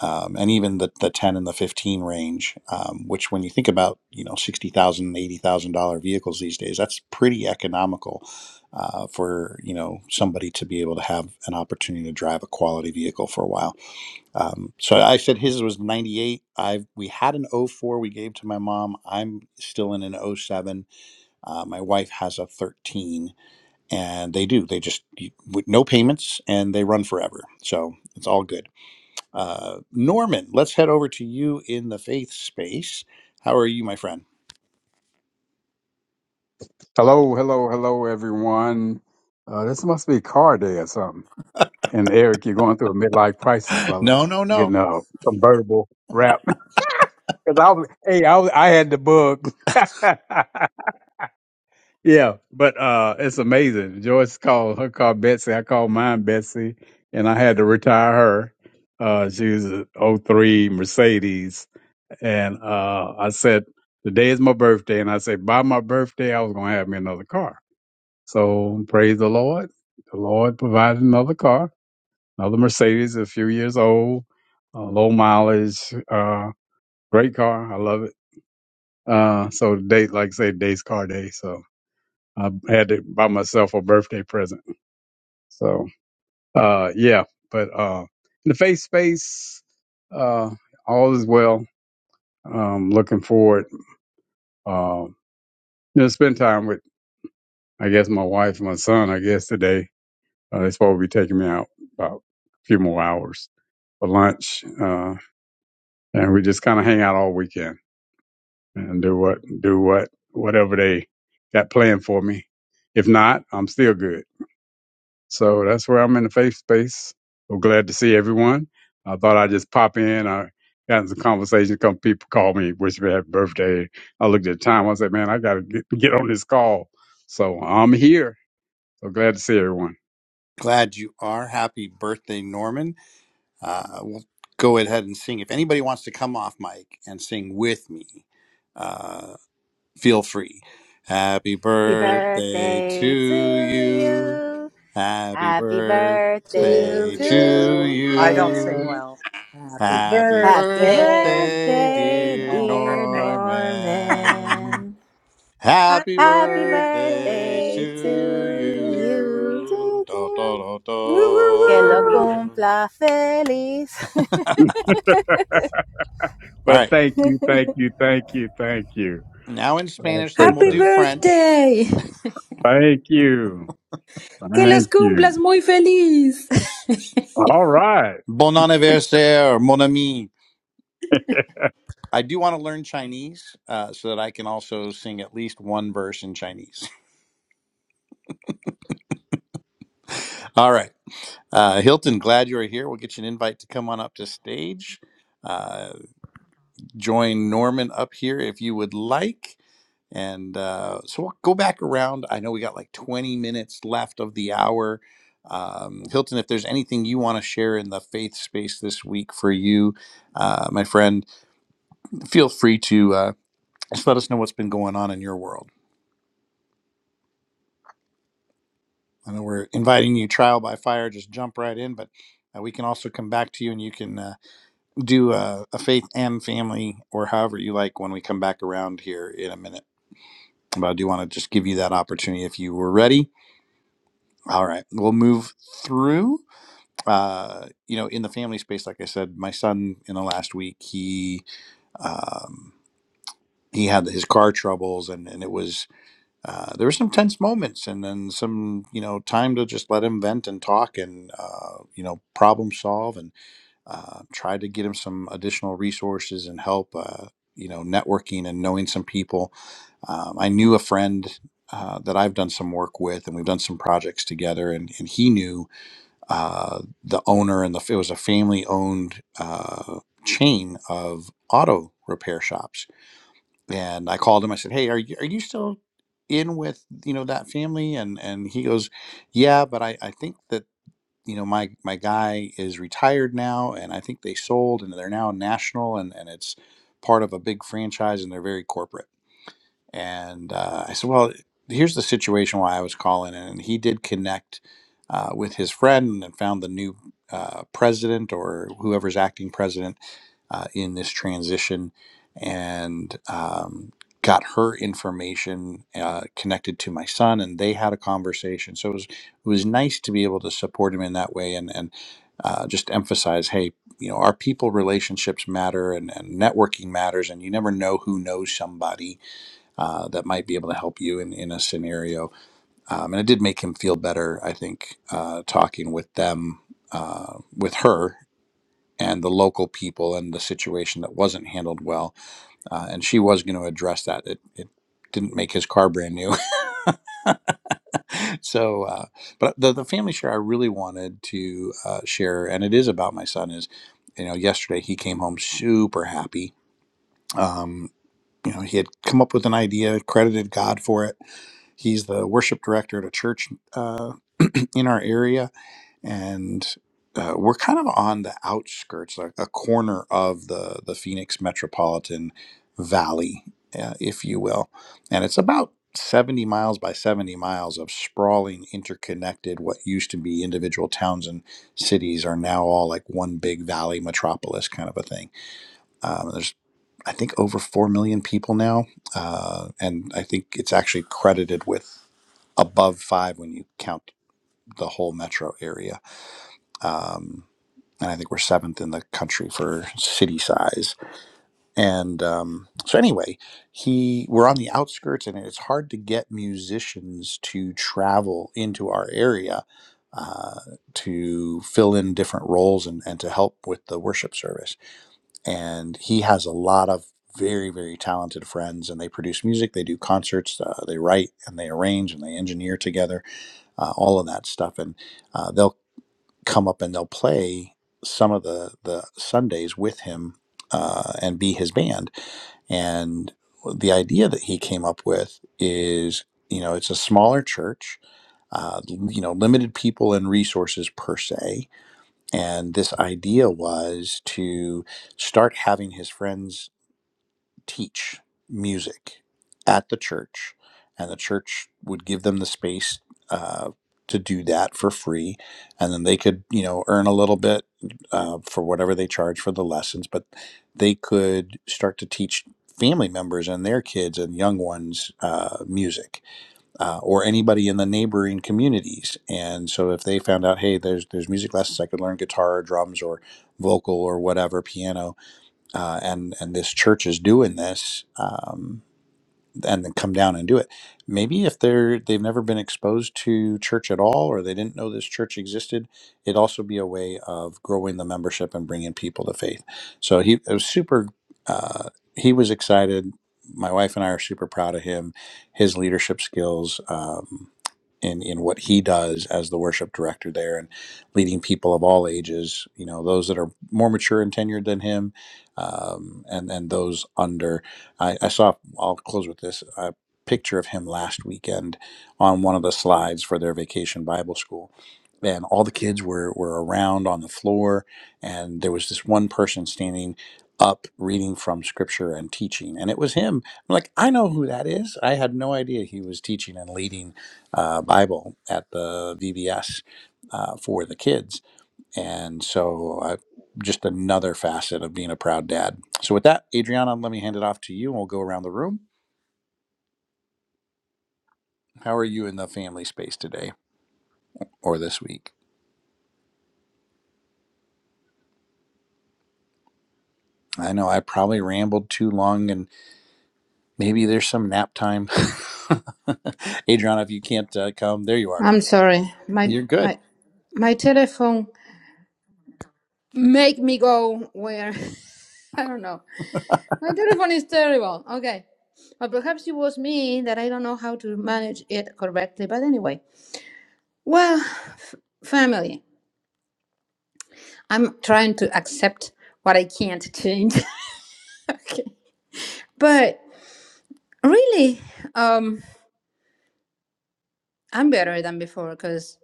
[SPEAKER 1] Um, and even the, the ten and the fifteen range, um, which when you think about you know sixty thousand, eighty thousand dollar vehicles these days, that's pretty economical. Uh, for you know somebody to be able to have an opportunity to drive a quality vehicle for a while um, so I said his was 98. I we had an oh 04 we gave to my mom. I'm still in an oh 07. Uh, my wife has a 13, and they do. They just you- with no payments and they run forever. So it's all good. Uh, Norman, let's head over to you in the faith space. How are you, my friend?
[SPEAKER 6] Hello, hello, hello, everyone. Uh, this must be car day or something. And Eric, you're going through a midlife crisis, brother.
[SPEAKER 1] No, no,
[SPEAKER 6] Getting
[SPEAKER 1] no.
[SPEAKER 6] a convertible wrap. Cause I was, hey, I was, I had the bug. yeah, but uh, it's amazing. Joyce called her car Betsy. I called mine Betsy, and I had to retire her. Uh, she was an '03 Mercedes, and uh, I said, today is my birthday, and I said by my birthday I was gonna have me another car So praise the Lord. The Lord provided another car, another Mercedes, a few years old, uh, low mileage, uh, great car. I love it. Uh, so date, like I say, today's car day. So I had to buy myself a birthday present. So, uh, yeah, but, uh, in the faith space, uh, all is well. Um, looking forward, uh, you know, spend time with, I guess, my wife and my son, I guess today, uh, they're supposed to be taking me out about a few more hours. for lunch, uh, and we just kind of hang out all weekend and do what do what whatever they got planned for me. If not, I'm still good. So that's where I'm in the faith space. So glad to see everyone. I thought I'd just pop in. I got some conversation. Come people call me, wish me happy birthday. I looked at the time. I said, man, I got to get, get on this call. So I'm here. So glad to see everyone.
[SPEAKER 1] Glad you are. Happy birthday, Norman. Uh, we'll go ahead and sing. If anybody wants to come off mic and sing with me, feel free. Happy
[SPEAKER 3] Happy
[SPEAKER 1] birthday to
[SPEAKER 3] birthday to
[SPEAKER 1] you.
[SPEAKER 3] you.
[SPEAKER 1] Happy
[SPEAKER 3] Happy birthday
[SPEAKER 5] to
[SPEAKER 1] birthday to
[SPEAKER 5] you.
[SPEAKER 3] to
[SPEAKER 5] I don't sing
[SPEAKER 1] you.
[SPEAKER 3] you.
[SPEAKER 5] well. Happy
[SPEAKER 1] Happy
[SPEAKER 3] Happy
[SPEAKER 1] birthday,
[SPEAKER 3] birthday,
[SPEAKER 1] dear
[SPEAKER 3] dear
[SPEAKER 1] Norman.
[SPEAKER 3] Norman.
[SPEAKER 1] Happy
[SPEAKER 5] Happy
[SPEAKER 3] Happy
[SPEAKER 5] birthday
[SPEAKER 1] birthday to
[SPEAKER 3] birthday to you, to
[SPEAKER 1] you.
[SPEAKER 3] you, to
[SPEAKER 1] Do,
[SPEAKER 3] you.
[SPEAKER 1] do, do, do.
[SPEAKER 3] Que lo cumpla feliz.
[SPEAKER 1] All
[SPEAKER 6] but
[SPEAKER 1] right.
[SPEAKER 6] thank you, thank you, thank you, thank you.
[SPEAKER 1] Now in
[SPEAKER 6] I
[SPEAKER 1] Spanish, then we'll
[SPEAKER 2] Happy
[SPEAKER 6] appreciate it.
[SPEAKER 1] do French.
[SPEAKER 2] birthday!
[SPEAKER 6] Thank you.
[SPEAKER 2] Que los
[SPEAKER 6] Thank you.
[SPEAKER 2] cumplas muy feliz!
[SPEAKER 6] All right.
[SPEAKER 1] Bon anniversaire, mon ami. I do want to learn Chinese uh, so that I can also sing at least one verse in Chinese. All right. Uh, Hilton, glad you are here. We'll get you an invite to come on up to stage. Uh, join Norman up here if you would like. And uh, so we'll go back around. I know we got like 20 minutes left of the hour. Um, Hilton, if there's anything you want to share in the faith space this week for you, uh, my friend, feel free to uh, just let us know what's been going on in your world. I know we're inviting you trial by fire, just jump right in, but uh, we can also come back to you and you can uh, do a, a faith and family or however you like when we come back around here in a minute. But I do want to just give you that opportunity if you were ready. All right, we'll move through. Uh, you know, in the family space, like I said, my son in the last week, he um, he had his car troubles, and and it was uh, there were some tense moments and then some you know time to just let him vent and talk and uh, you know problem solve and uh, try to get him some additional resources and help uh, you know networking and knowing some people um, i knew a friend uh, that I've done some work with, and we've done some projects together. And, and he knew uh, the owner, and the it was a family-owned uh, chain of auto repair shops and I called him. I said, "Hey, are you are you still in with you know that family?" And and he goes, "Yeah, but I I think that you know my my guy is retired now, and I think they sold, and they're now national, and and it's part of a big franchise, and they're very corporate." And uh, I said, well, here's the situation why I was calling. And he did connect uh, with his friend and found the new uh, president or whoever's acting president uh, in this transition and um, got her information uh, connected to my son. And they had a conversation. So it was, it was nice to be able to support him in that way and, and uh, just emphasize, hey, you know, our people relationships matter and, and networking matters, and you never know who knows somebody uh, that might be able to help you in, in a scenario. Um, and it did make him feel better, I think, uh, talking with them, uh, with her and the local people and the situation that wasn't handled well. Uh, and she was going to address that. It, it didn't make his car brand new. so, uh, but the, the family share I really wanted to uh, share, and it is about my son, is, you know, yesterday he came home super happy. Um, you know, he had come up with an idea, credited God for it He's the worship director at a church uh, in our area, and uh, we're kind of on the outskirts, like a corner of the the Phoenix metropolitan valley, uh, if you will, and it's about. 70 miles by 70 miles of sprawling, interconnected, what used to be individual towns and cities are now all like one big valley metropolis kind of a thing. Um, there's. I think over four million people now, uh, and I think it's actually credited with above five when you count the whole metro area. Um, and I think we're seventh in the country for city size. And um, so, anyway, he we're on the outskirts, and it's hard to get musicians to travel into our area uh, to fill in different roles and, and to help with the worship service and he has a lot of very very talented friends and they produce music they do concerts uh, they write and they arrange and they engineer together uh, all of that stuff and uh, they'll come up and they'll play some of the the sundays with him uh, and be his band and the idea that he came up with is you know it's a smaller church uh, you know limited people and resources per se and this idea was to start having his friends teach music at the church, and the church would give them the space uh, to do that for free, and then they could, you know, earn a little bit uh, for whatever they charge for the lessons, but they could start to teach family members and their kids and young ones uh, music uh, or anybody in the neighboring communities and so if they found out hey there's there's music lessons i could learn guitar or drums or vocal or whatever piano uh, and and this church is doing this. Um, and then come down and do it. Maybe if they're they've never been exposed to church at all, or they didn't know this church existed, it'd also be a way of growing the membership and bringing people to faith. So he it was super. Uh, he was excited. My wife and I are super proud of him, his leadership skills, um, in in what he does as the worship director there, and leading people of all ages. You know, those that are more mature and tenured than him, um, and and those under. I, I saw, I'll close with this, a picture of him last weekend on one of the slides for their vacation Bible school. And all the kids were, were around on the floor, and there was this one person standing up reading from scripture and teaching. And it was him. I'm like, I know who that is. I had no idea he was teaching and leading uh, Bible at the VBS uh, for the kids and so, uh, just another facet of being a proud dad. So, with that, Adriana, let me hand it off to you and we'll go around the room. How are you in the family space today or this week? I know I probably rambled too long and maybe there's some nap time. Adriana, if you can't uh, come, there you are.
[SPEAKER 2] I'm sorry. My
[SPEAKER 1] You're good.
[SPEAKER 2] my my telephone. make me go where I don't know. My telephone is terrible. Okay. Or perhaps it was me that I don't know how to manage it correctly. But anyway, well, f- family, I'm trying to accept what I can't change. okay. But really, um, I'm better than before because.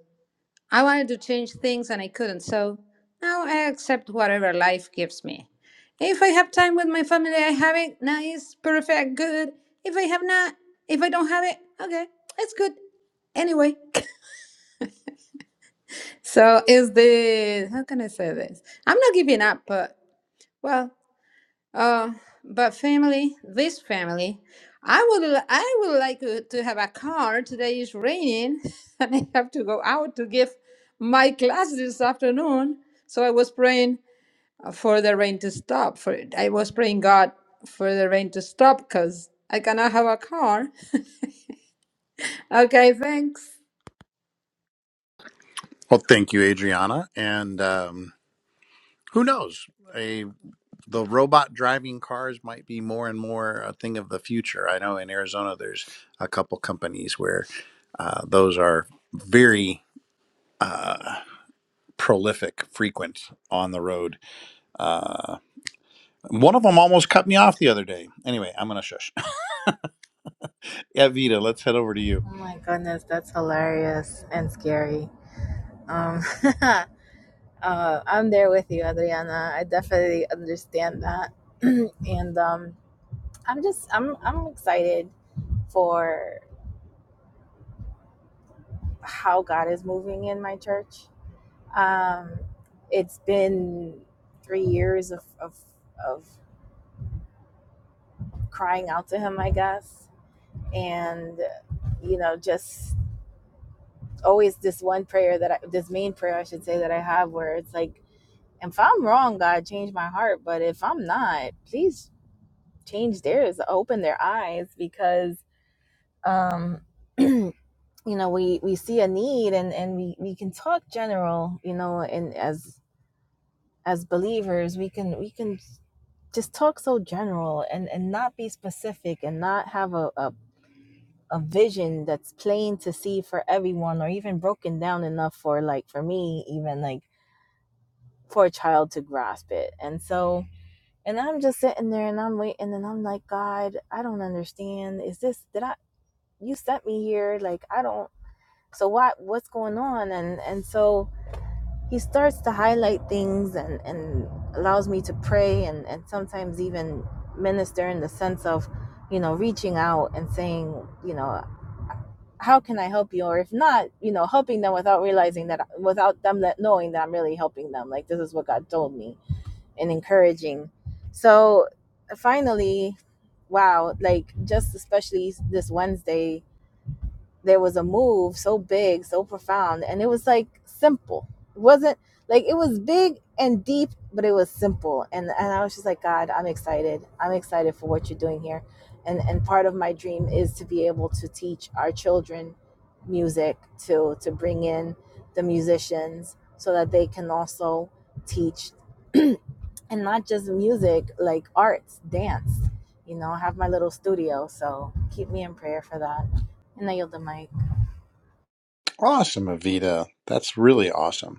[SPEAKER 2] I wanted to change things and I couldn't, so now I accept whatever life gives me. If I have time with my family, I have it. Nice, perfect, good. If I have not, if I don't have it, okay, it's good. Anyway, so is the, how can I say this? I'm not giving up, but well, uh, but family, this family, I would li- I would like uh, to have a car. Today is raining, and I have to go out to give my class this afternoon. So I was praying uh, for the rain to stop. For I was praying God for the rain to stop because I cannot have a car. Okay, thanks.
[SPEAKER 1] Well, thank you, Adriana. And um, who knows? A the robot driving cars might be more and more a thing of the future. I know in Arizona, there's a couple companies where uh, those are very uh, prolific, frequent on the road. Uh, one of them almost cut me off the other day. Anyway, I'm going to shush. Yeah, let's head over to you.
[SPEAKER 3] oh my goodness, that's hilarious and scary. Um, uh, I'm there with you, Adriana. I definitely understand that. and um, I'm just I'm I'm excited for how God is moving in my church. Um, it's been three years of of, of crying out to Him, I guess, and you know just always this one prayer that I, this main prayer I should say that I have where it's like if I'm wrong God change my heart but if I'm not please change theirs open their eyes because um you know we we see a need and and we we can talk general you know and as as believers we can we can just talk so general and and not be specific and not have a, a a vision that's plain to see for everyone or even broken down enough for like for me even like for a child to grasp it and so and i'm just sitting there and i'm waiting and i'm like god i don't understand is this did i you sent me here like i don't so what what's going on and and so he starts to highlight things and, and allows me to pray and, and sometimes even minister in the sense of, you know, reaching out and saying, you know, how can I help you? Or if not, you know, helping them without realizing that, without them that knowing that I'm really helping them. Like, this is what God told me and encouraging. So finally, wow, like just especially this Wednesday, there was a move so big, so profound, and it was like simple. It wasn't like it was big and deep, but it was simple. And and I was just like, God, I'm excited. I'm excited for what you're doing here. And and part of my dream is to be able to teach our children music to to bring in the musicians so that they can also teach and not just music, like arts, dance. You know, I have my little studio, so keep me in prayer for that. And I yield the mic.
[SPEAKER 1] Awesome, Avita. That's really awesome.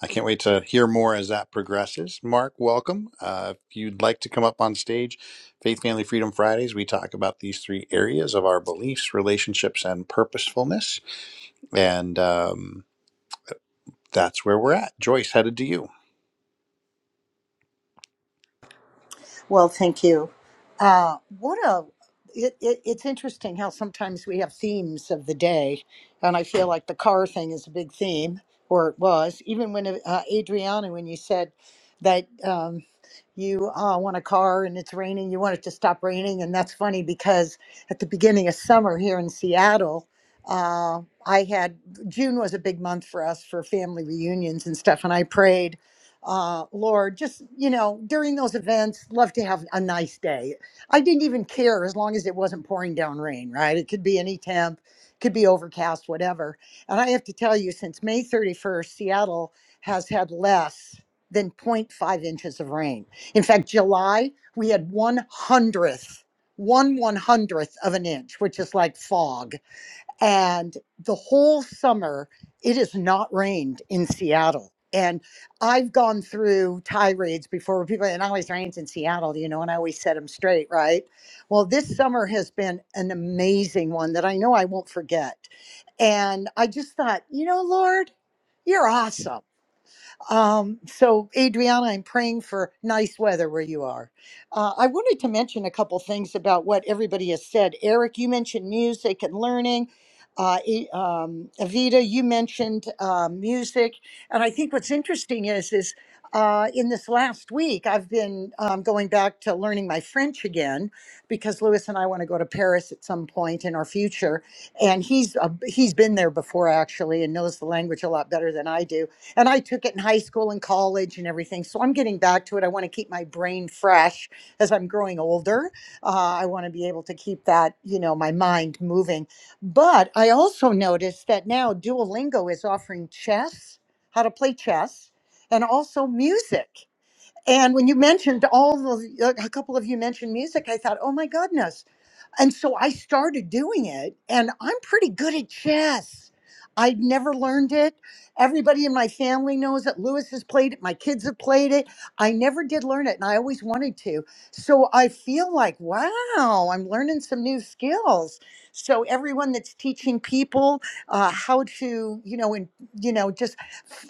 [SPEAKER 1] I can't wait to hear more as that progresses. Mark, welcome. Uh, if you'd like to come up on stage, Faith, Family, Freedom Fridays, we talk about these three areas of our beliefs, relationships, and purposefulness. And um, that's where we're at. Joyce, headed to you.
[SPEAKER 5] Well, thank you. Uh, what a it, it, it's interesting how sometimes we have themes of the day, and I feel like the car thing is a big theme, or it was. Even when uh, Adriana, when you said that um, you uh, want a car and it's raining, you want it to stop raining, and that's funny because at the beginning of summer here in Seattle. Uh, I had June was a big month for us for family reunions and stuff, and I prayed uh, Lord, just, you know, during those events, love to have a nice day. I didn't even care as long as it wasn't pouring down rain, right? It could be any temp, could be overcast, whatever. And I have to tell you, since May 31st, Seattle has had less than zero point 0.5 inches of rain. In fact, July, we had one hundredth, one one hundredth of an inch, which is like fog and the whole summer it has not rained in Seattle. And I've gone through tirades before where people, it always rains in Seattle, you know, and I always set them straight, right? Well, this summer has been an amazing one that I know I won't forget. And I just thought, you know, Lord, you're awesome um, so, Adriana, I'm praying for nice weather where you are. Uh, I wanted to mention a couple things about what everybody has said. Eric, you mentioned music and learning. Uh, E- um, Avita, you mentioned uh, music, and I think what's interesting is is uh, in this last week I've been um, going back to learning my French again because Lewis and I want to go to Paris at some point in our future, and he's uh, he's been there before actually and knows the language a lot better than I do and I took it in high school and college and everything. So I'm getting back to it. I want to keep my brain fresh as I'm growing older. Uh, I want to be able to keep that, you know, my mind moving. But I also noticed that now Duolingo is offering chess, how to play chess, and also music. And when you mentioned all the, a couple of you mentioned music, I thought, oh my goodness, and so I started doing it, and I'm pretty good at chess. I'd never learned it. Everybody in my family knows it. Lewis has played it. My kids have played it. I never did learn it, and I always wanted to. So I feel like, wow, I'm learning some new skills. So everyone that's teaching people uh, how to, you know, and you know, just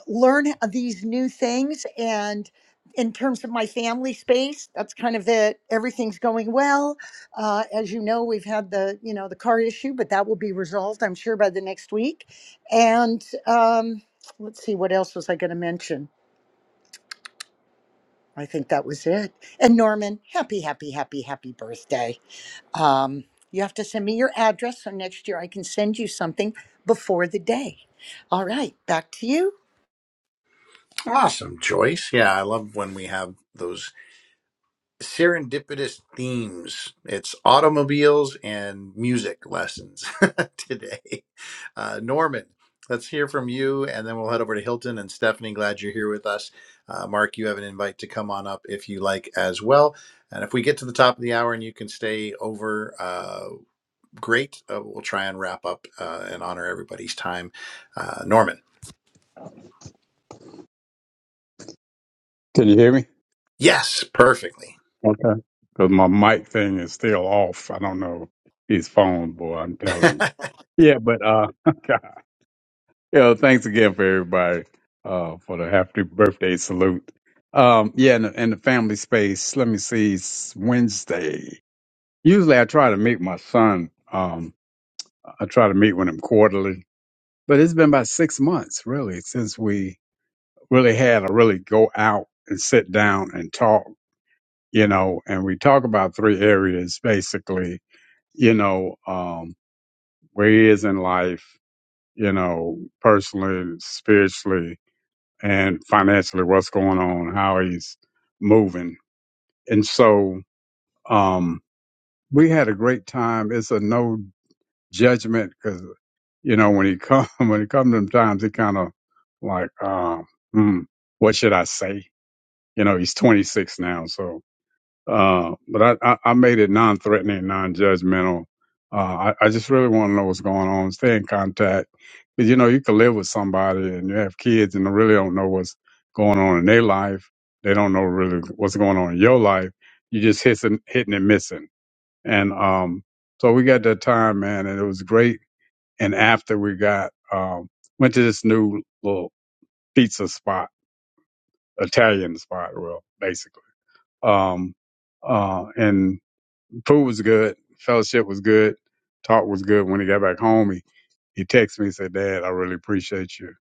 [SPEAKER 5] learn these new things and in terms of my family space that's kind of it everything's going well uh, as you know we've had the you know the car issue but that will be resolved i'm sure by the next week and um, let's see what else was i going to mention i think that was it and norman happy happy happy happy birthday um, you have to send me your address so next year i can send you something before the day all right back to you
[SPEAKER 1] Awesome, Joyce. Yeah, I love when we have those serendipitous themes. It's automobiles and music lessons today. Uh, Norman, let's hear from you, and then we'll head over to Hilton and Stephanie. Glad you're here with us. Uh, Mark, you have an invite to come on up if you like as well. And if we get to the top of the hour and you can stay over, uh, great. Uh, we'll try and wrap up uh, and honor everybody's time. Uh, Norman,
[SPEAKER 6] Can you hear me?
[SPEAKER 1] yes, perfectly.
[SPEAKER 6] Okay. Because my mic thing is still off. I don't know his phone, boy. I'm telling you.
[SPEAKER 1] Thank
[SPEAKER 6] Yeah, but uh, yeah. Thanks again for everybody uh for the happy birthday salute. Um, yeah, and the, and the family space. Let me see. It's Wednesday. Usually, I try to meet my son. Um, I try to meet with him quarterly, but it's been about six months really since we really had a really go out and sit down and talk you know, and we talk about three areas basically, you know, um, where he is in life, you know, personally, spiritually, and financially, what's going on, how he's moving. And so, um, we had a great time. It's a no judgment because, you know, when he come, when he come to them times, he kind of like, uh, hmm, what should I say? You know, he's 26 now. So, Uh, but I, I, I made it non-threatening, non-judgmental. Uh, I, I just really want to know what's going on. Stay in contact. But you know, you can live with somebody and you have kids and they really don't know what's going on in their life. They don't know really what's going on in your life. You just hitting, hitting and missing. And, um, so we got that time, man, and it was great. And after we got, um, went to this new little pizza spot, Italian spot, well, basically. Um, uh, and Food was good. Fellowship was good. Talk was good. When he got back home, he, he texted me and said, Dad, I really appreciate you.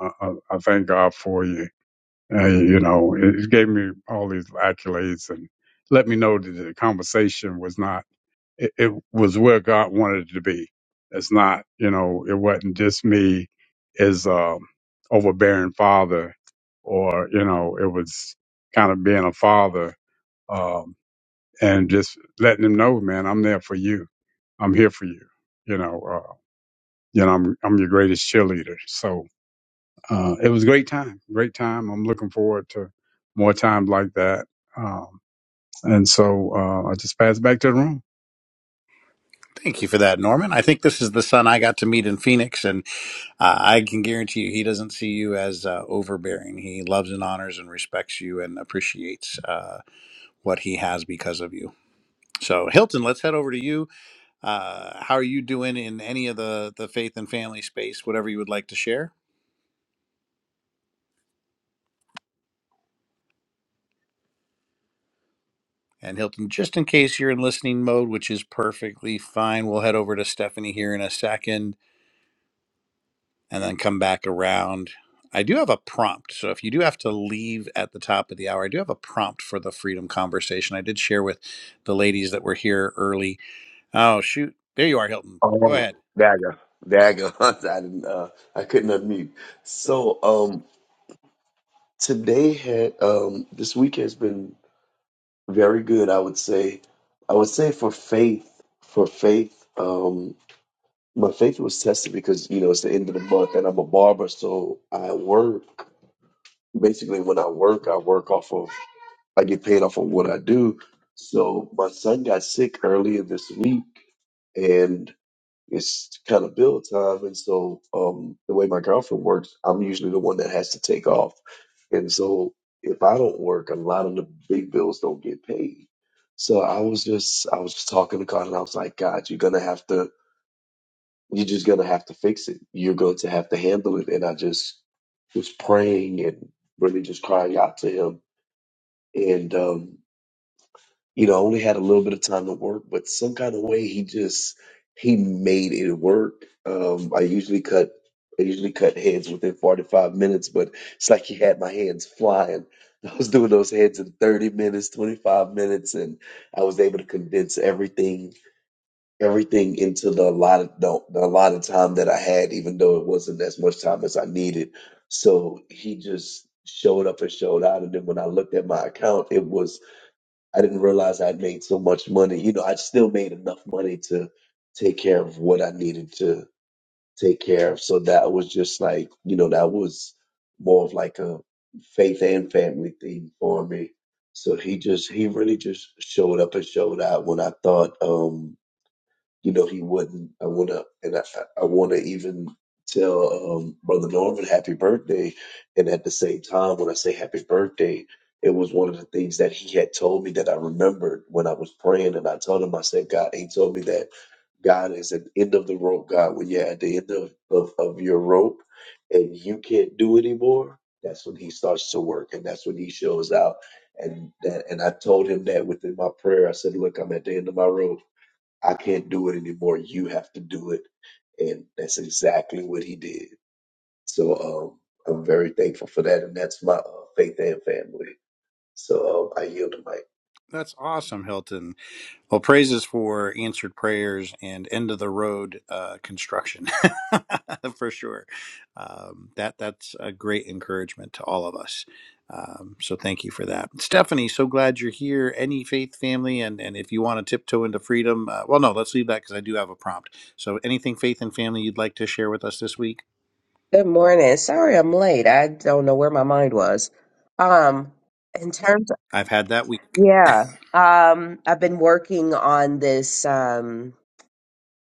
[SPEAKER 6] I, I, I thank God for you. And, you know, it, it gave me all these accolades and let me know that the conversation was not, it, it was where God wanted it to be. It's not, you know, it wasn't just me as um overbearing father or, you know, it was kind of being a father. um, and just letting them know, man, I'm there for you. I'm here for you. You know, uh, you know, I'm I'm your greatest cheerleader. So uh, it was a great time, great time. I'm looking forward to more times like that. Um, and so uh, I just passed back to the room.
[SPEAKER 1] you for that, Norman. I think this is the son I got to meet in Phoenix, and I I can guarantee you, he doesn't see you as uh, overbearing. He loves and honors and respects you and appreciates uh, what he has because of you. So, Hilton, let's head over to you. Uh, how are you doing in any of the the faith and family space? Whatever you would like to share. And Hilton, just in case you're in listening mode, which is perfectly fine, we'll head over to Stephanie here in a second. and then come back around. I do have a prompt. So if you do have to leave at the top of the hour, I do have a prompt for the freedom conversation. I did share with the ladies that were here early. Oh, shoot. There you are, Hilton. Go
[SPEAKER 7] Oh,
[SPEAKER 1] ahead.
[SPEAKER 7] there I go. There I go. I didn't, uh, I couldn't unmute. So, um, today had, um, this week has been very good. I would say, I would say for faith, for faith, um, my faith was tested because, you know, it's the end of the month and I'm a barber. So I work basically when I work, I work off of, I get paid off of what I do. So my son got sick earlier this week and. it's kind of build time. And so, um, the way my girlfriend works, I'm usually the one that has to take off. And so, if I don't work, a lot of the big bills don't get paid. So I was just, I was just talking to God, and I was like, God, you're gonna have to, you're just gonna have to fix it. You're going to have to handle it. And I just was praying and really just crying out to Him. And um, you know, I only had a little bit of time to work, but some kind of way he just he made it work. Um, I usually cut I usually cut heads within 45 minutes, but it's like he had my hands flying. I was doing those heads in 30 minutes, 25 minutes, and I was able to condense everything everything into the allotted the, the allotted time that I had, even though it wasn't as much time as I needed. So he just showed up and showed out, and then when I looked at my account, it was I didn't realize I'd made so much money. You know, I still made enough money to take care of what I needed to take care of. So that was just like, you know, that was more of like a faith and family thing for me. So he just, he really just showed up and showed out when I thought, um, you know, he wouldn't. I want to, and I, I want to even tell um, Brother Norman happy birthday. And at the same time, when I say happy birthday, it was one of the things that he had told me that I remembered when I was praying. And I told him, I said, God, he told me that God is at the end of the rope, God. When you're at the end of, of, of your rope and you can't do anymore, that's when he starts to work and that's when he shows out. And that, and I told him that within my prayer, I said, look, I'm at the end of my rope I can't do it anymore. You have to do it. And that's exactly what he did. So um, I'm very thankful for that. And that's my uh, faith and family. So um, I yield the mic.
[SPEAKER 1] That's awesome, Hilton. Well, praises for answered prayers and end of the road uh, construction for sure. Um, that that's a great encouragement to all of us. Um, so thank you for that, Stephanie. So glad you're here. Any faith family, and and if you want to tiptoe into freedom, uh, well, no, let's leave that because I do have a prompt. So anything faith and family you'd like to share with us this week?
[SPEAKER 8] Good morning. Sorry I'm late. I don't know where my mind was. Um, in terms
[SPEAKER 1] I've had that week.
[SPEAKER 8] yeah, um, I've been working on this um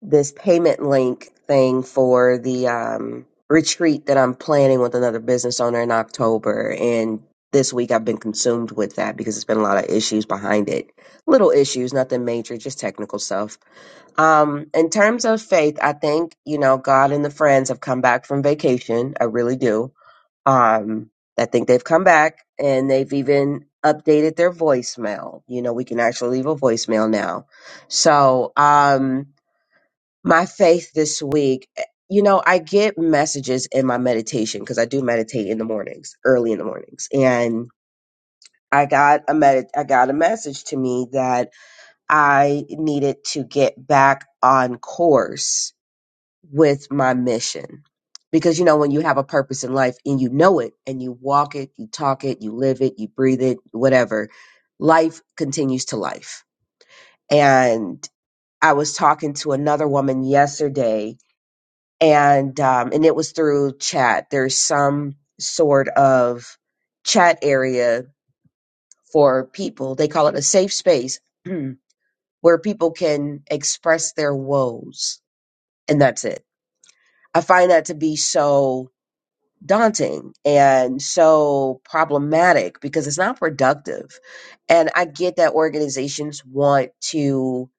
[SPEAKER 8] this payment link thing for the um retreat that I'm planning with another business owner in October and this week I've been consumed with that because it's been a lot of issues behind it. Little issues, nothing major, just technical stuff. Um, in terms of faith, I think, you know, God and the friends have come back from vacation. I really do um, I think they've come back and they've even updated their voicemail. You know, we can actually leave a voicemail now. So, um, my faith this week, eh, you know, I get messages in my meditation because I do meditate in the mornings, early in the mornings, and I got a med- I got a message to me that I needed to get back on course with my mission. Because you know, when you have a purpose in life and you know it and you walk it, you talk it, you live it, you breathe it, whatever, life continues to life. And I was talking to another woman yesterday and um, and it was through chat. There's some sort of chat area for people. They call it a safe space where people can express their woes and that's it. I find that to be so daunting and so problematic because it's not productive. And I get that organizations want to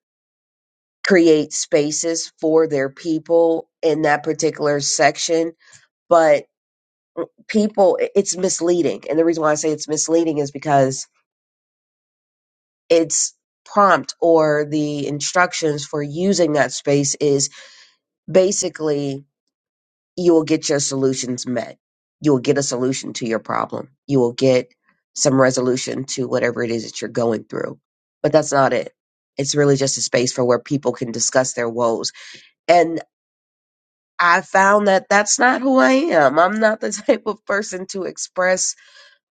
[SPEAKER 8] create spaces for their people in that particular section, but people, i- it's misleading. And the reason why I say it's misleading is because it's prompt or the instructions for using that space is basically you will get your solutions met. You will get a solution to your problem. You will get some resolution to whatever it is that you're going through. But that's not it. It's really just a space for where people can discuss their woes. And I found that that's not who I am. I'm not the type of person to express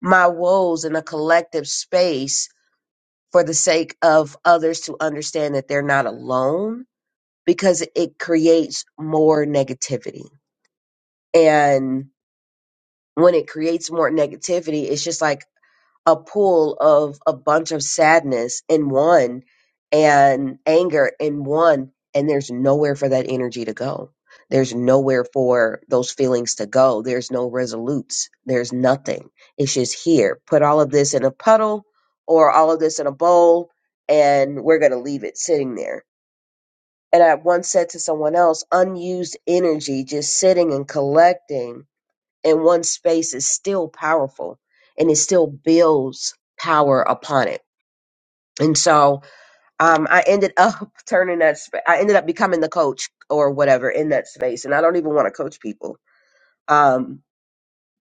[SPEAKER 8] my woes in a collective space for the sake of others to understand that they're not alone because it creates more negativity. And when it creates more negativity, it's just like a pool of a bunch of sadness in one and anger in one, and there's nowhere for that energy to go. There's nowhere for those feelings to go. There's no resolutes. There's nothing. It's just here. Put all of this in a puddle or all of this in a bowl, and we're going to leave it sitting there. And I once said to someone else, unused energy just sitting and collecting in one space is still powerful and it still builds power upon it. And so um, I ended up turning that, sp- I ended up becoming the coach or whatever in that space. And I don't even want to coach people. Um,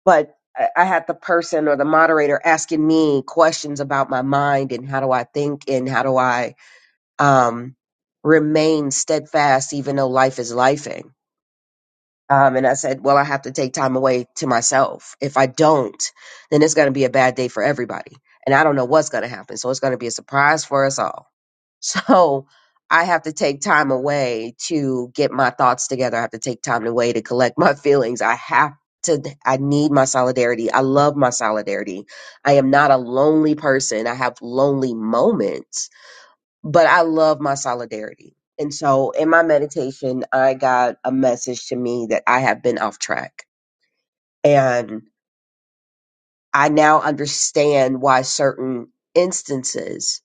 [SPEAKER 8] but I I had the person or the moderator asking me questions about my mind and how do I think and how do I um, remain steadfast even though life is lifing Um, and I said, well, I have to take time away to myself. If I don't, then it's going to be a bad day for everybody. And I don't know what's going to happen. So it's going to be a surprise for us all. So I have to take time away to get my thoughts together. I have to take time away to collect my feelings. I have to, I need my solidarity. I love my solidarity. I am not a lonely person. I have lonely moments but I love my solidarity. And so in my meditation, I got a message to me that I have been off track. And I now understand why certain instances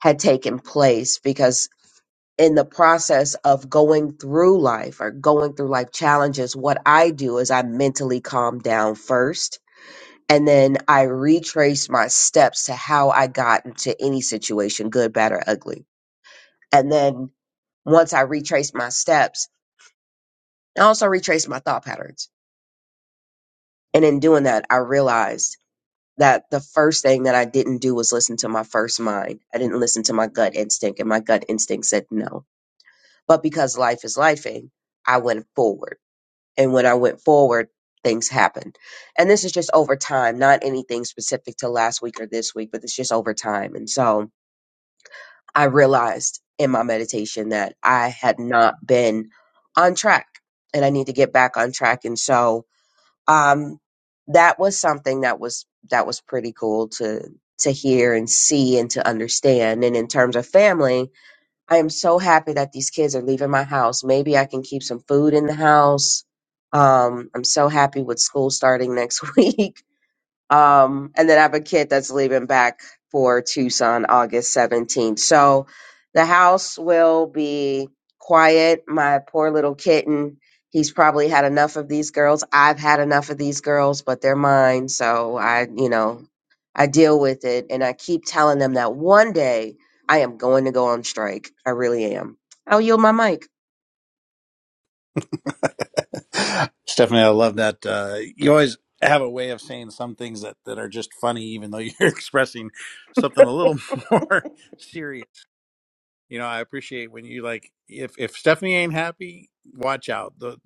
[SPEAKER 8] had taken place because in the process of going through life or going through life challenges, what I do is I mentally calm down first. And then I retrace my steps to how I got into any situation, good, bad, or ugly. And then once I retrace my steps, I also retraced my thought patterns. And in doing that, I realized that the first thing that I didn't do was listen to my first mind. I didn't listen to my gut instinct, and my gut instinct said no. But because life is lifing, I went forward. And when I went forward, things happened. And this is just over time, not anything specific to last week or this week, but it's just over time. And so I realized in my meditation that I had not been on track and I need to get back on track. And so um, that was something that was that was pretty cool to to hear and see and to understand. And in terms of family, I am so happy that these kids are leaving my house. Maybe I can keep some food in the house. Um, I'm so happy with school starting next week. Um, and then I have a kid that's leaving back for Tucson August 17th. So the house will be quiet. My poor little kitten, he's probably had enough of these girls. I've had enough of these girls, but they're mine. So I, you know, I deal with it. And I keep telling them that one day I am going to go on strike. I really am. I'll yield my mic.
[SPEAKER 1] Stephanie, I love that. Uh, you always have a way of saying some things that, that are just funny, even though you're expressing something a little more serious. You know, I appreciate when you like, if, if Stephanie ain't happy, watch out. The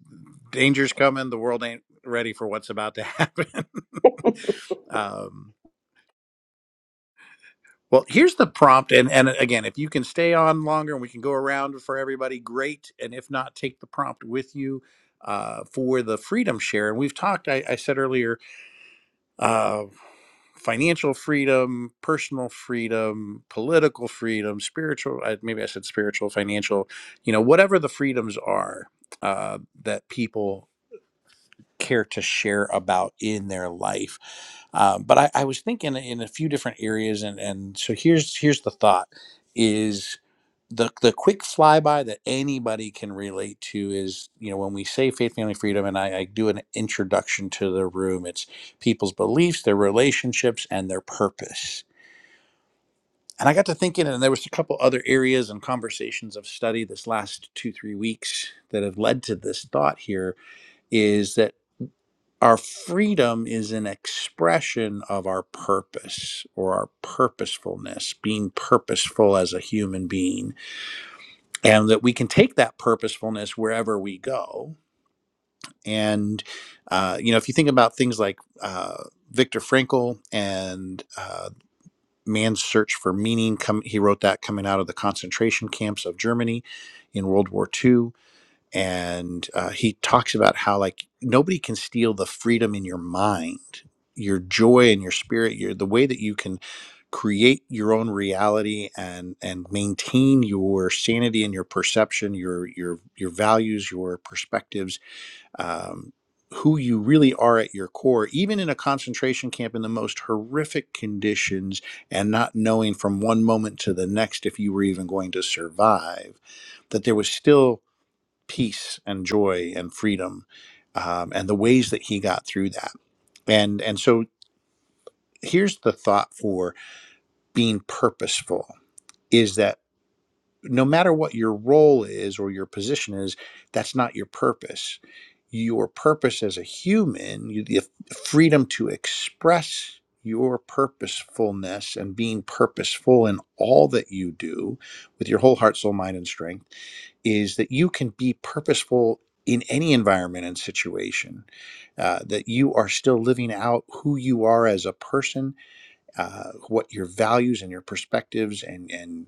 [SPEAKER 1] danger's coming. The world ain't ready for what's about to happen. um, well, here's the prompt. And, and again, if you can stay on longer and we can go around for everybody, great. And if not, take the prompt with you uh, for the freedom share. And we've talked, I, I said earlier, uh, financial freedom, personal freedom, political freedom, spiritual, I- maybe I said spiritual, financial, you know, whatever the freedoms are uh, that people care to share about in their life. Um, but I, I was thinking in a few different areas, and and so here's here's the thought: is the the quick flyby that anybody can relate to is you know when we say faith, family, freedom, and I, I do an introduction to the room. It's people's beliefs, their relationships, and their purpose. And I got to thinking, and there was a couple other areas and conversations of study this last two three weeks that have led to this thought here is that our freedom is an expression of our purpose or our purposefulness, being purposeful as a human being, and that we can take that purposefulness wherever we go. And, uh, you know, if you think about things like uh, Viktor Frankl and uh, Man's Search for Meaning, come, he wrote that coming out of the concentration camps of Germany in World War II and uh, he talks about how like nobody can steal the freedom in your mind your joy and your spirit your the way that you can create your own reality and and maintain your sanity and your perception your your your values your perspectives um, who you really are at your core even in a concentration camp in the most horrific conditions and not knowing from one moment to the next if you were even going to survive that there was still peace and joy and freedom um, and the ways that he got through that and and so here's the thought for being purposeful is that no matter what your role is or your position is that's not your purpose your purpose as a human you, the freedom to express your purposefulness and being purposeful in all that you do with your whole heart soul mind and strength is that you can be purposeful in any environment and situation, uh, that you are still living out who you are as a person, uh, what your values and your perspectives and, and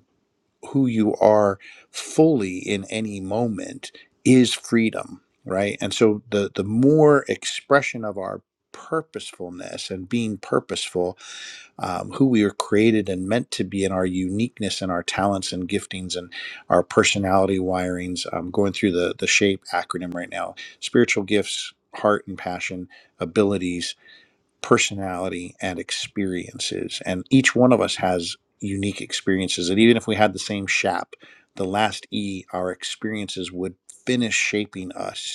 [SPEAKER 1] who you are fully in any moment is freedom, right? And so the, the more expression of our purposefulness and being purposeful um, who we are created and meant to be, and our uniqueness and our talents and giftings and our personality wirings. I'm going through the the shape acronym right now: spiritual gifts, heart and passion, abilities, personality, and experiences. And each one of us has unique experiences. And even if we had the same shap, the last E, our experiences would finish shaping us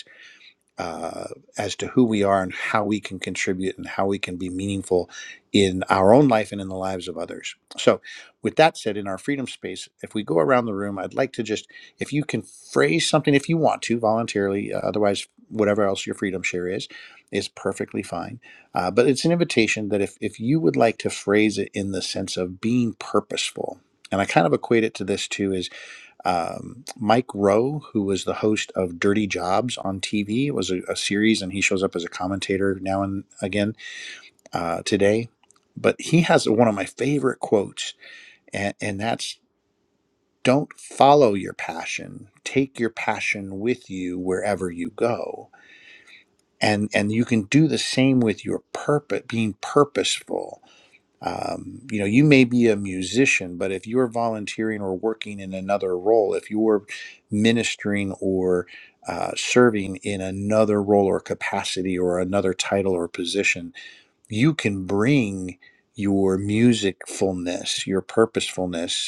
[SPEAKER 1] uh, as to who we are and how we can contribute and how we can be meaningful in our own life and in the lives of others. So, with that said, in our freedom space, if we go around the room, I'd like to just, if you can phrase something, if you want to voluntarily, uh, otherwise, whatever else your freedom share is, is perfectly fine. Uh, but it's an invitation that if, if you would like to phrase it in the sense of being purposeful, and I kind of equate it to this too is um, Mike Rowe, who was the host of Dirty Jobs on TV. It was a, a series, and he shows up as a commentator now and again uh, today. But he has one of my favorite quotes, and, and that's don't follow your passion. Take your passion with you wherever you go. And, and you can do the same with your purpose, being purposeful um, you know you may be a musician but if you're volunteering or working in another role if you're ministering or uh, serving in another role or capacity or another title or position you can bring your musicfulness your purposefulness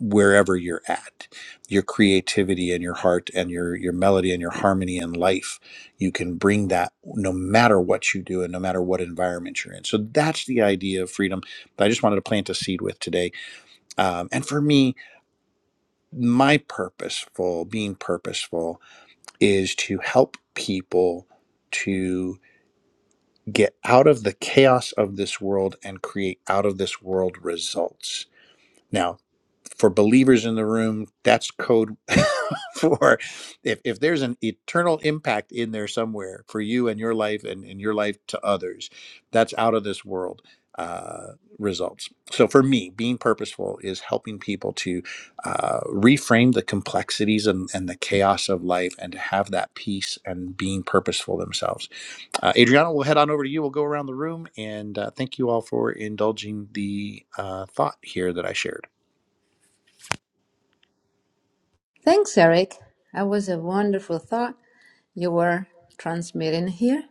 [SPEAKER 1] wherever you're at your creativity and your heart and your your melody and your harmony in life you can bring that no matter what you do and no matter what environment you're in so that's the idea of freedom that i just wanted to plant a seed with today um, and for me my purposeful being purposeful is to help people to get out of the chaos of this world and create out of this world results now for believers in the room, that's code for if, if there's an eternal impact in there somewhere for you and your life and, and your life to others, that's out of this world uh, results. So for me, being purposeful is helping people to uh, reframe the complexities and, and the chaos of life and to have that peace and being purposeful themselves. Uh, Adriana, we'll head on over to you. We'll go around the room and uh, thank you all for indulging the uh, thought here that I shared.
[SPEAKER 2] Thanks, Eric. That was a wonderful thought you were transmitting here.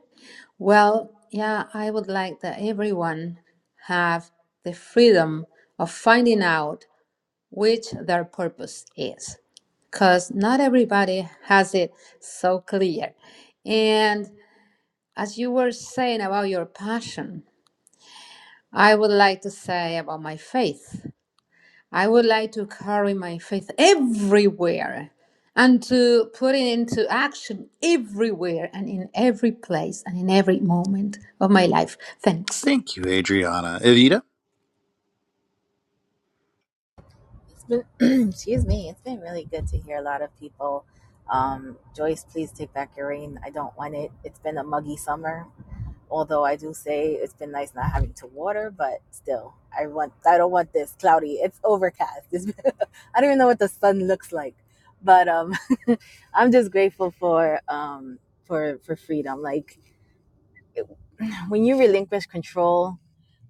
[SPEAKER 2] Well, yeah, I would like that everyone have the freedom of finding out which their purpose is, because not everybody has it so clear. And as you were saying about your passion, I would like to say about my faith. I would like to carry my faith everywhere and to put it into action everywhere and in every place and in every moment of my life. Thanks.
[SPEAKER 1] Thank you, Adriana. Evita?
[SPEAKER 3] It's been, excuse me, it's been really good to hear a lot of people. Um, Joyce, please take back your rain. I don't want it. It's been a muggy summer, although I do say it's been nice not having to water, but still, I want. I don't want this cloudy. It's overcast. It's been, I don't even know what the sun looks like, but um, I'm just grateful for um for for freedom. Like when you relinquish control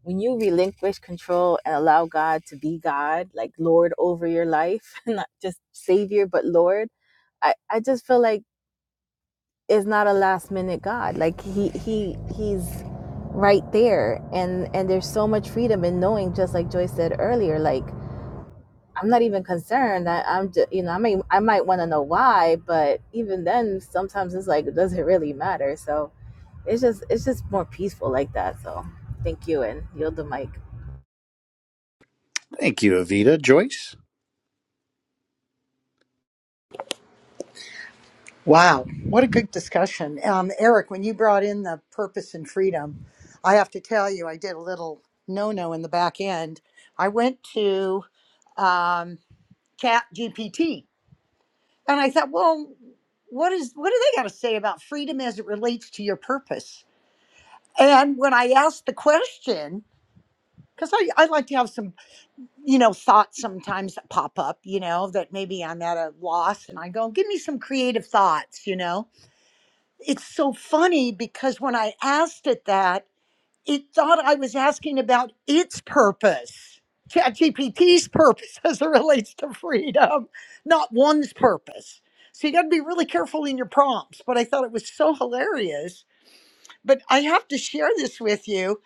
[SPEAKER 3] when you relinquish control and allow God to be God, like Lord over your life, not just Savior, but Lord, I, I just feel like it's not a last minute God. Like he he he's right there and and there's so much freedom in knowing just like Joyce said earlier, like I'm not even concerned. I, I'm just, you know, I might I might want to know why, but even then sometimes it's like does it really matter? So it's just it's just more peaceful like that. So thank you and yield the mic.
[SPEAKER 1] Thank you, Evita. Joyce?
[SPEAKER 5] Wow, what a good discussion. Um, Eric, when you brought in the purpose and freedom, I have to tell you, I did a little no no in the back end. I went to um, Chat GPT and I thought, well, what is what do they got to say about freedom as it relates to your purpose? And when I asked the question, because I, I like to have some, you know, thoughts sometimes that pop up, you know, that maybe I'm at a loss and I go, give me some creative thoughts, you know. it's so funny because when I asked it that, it thought I was asking about its purpose, ChatGPT's purpose as it relates to freedom, not one's purpose. So you got to be really careful in your prompts. But I thought it was so hilarious but I have to share this with you.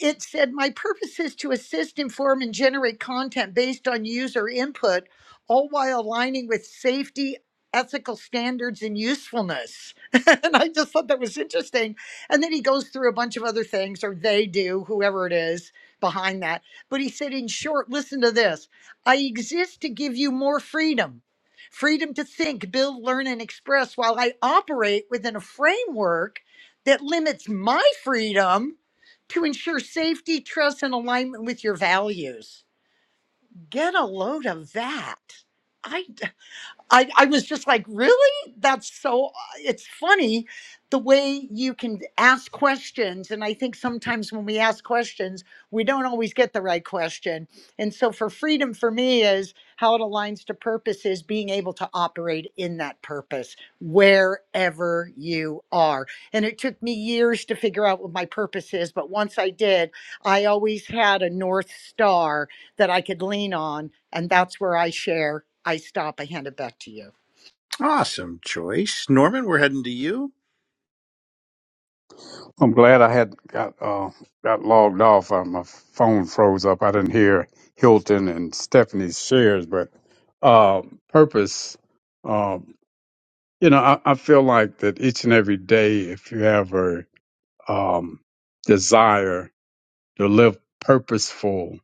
[SPEAKER 5] It said, My purpose is to assist, inform, and generate content based on user input, all while aligning with safety, ethical standards, and usefulness. and I just thought that was interesting. And then he goes through a bunch of other things, or they do, whoever it is behind that. But he said, In short, listen to this I exist to give you more freedom. Freedom to think, build, learn, and express while I operate within a framework that limits my freedom to ensure safety, trust, and alignment with your values. Get a load of that. I I, I was just like, really? That's so, it's funny the way you can ask questions. And I think sometimes when we ask questions, we don't always get the right question. And so, for freedom for me, is how it aligns to purpose is being able to operate in that purpose wherever you are. And it took me years to figure out what my purpose is. But once I did, I always had a North Star that I could lean on. And that's where I share. I stop. I hand it back to you.
[SPEAKER 1] Awesome, Joyce. Norman, we're heading to you.
[SPEAKER 6] I'm glad I had got uh, got logged off. Uh, my phone froze up. I didn't hear Hilton and Stephanie's shares, but uh, purpose. Um, you know, I, I feel like that each and every day, if you have a um, desire to live purposeful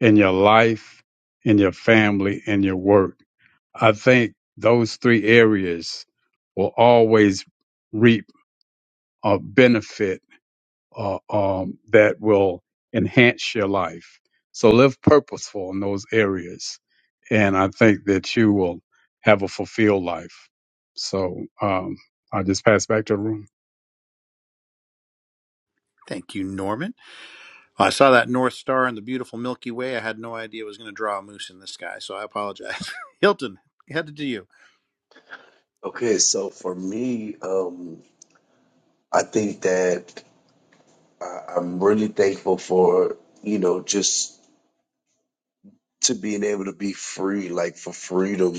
[SPEAKER 6] in your life, in your family, in your work. I think those three areas will always reap a benefit uh, um, that will enhance your life. So live purposeful in those areas. And I think that you will have a fulfilled life. So um, I'll just pass back to the room.
[SPEAKER 1] Thank you, Norman. I saw that North Star in the beautiful Milky Way. I had no idea it was going to draw a moose in the sky, so I apologize. Hilton, headed to you.
[SPEAKER 7] Okay. So for me, um, I think that I- I'm really thankful for, you know, just to being able to be free, like for freedom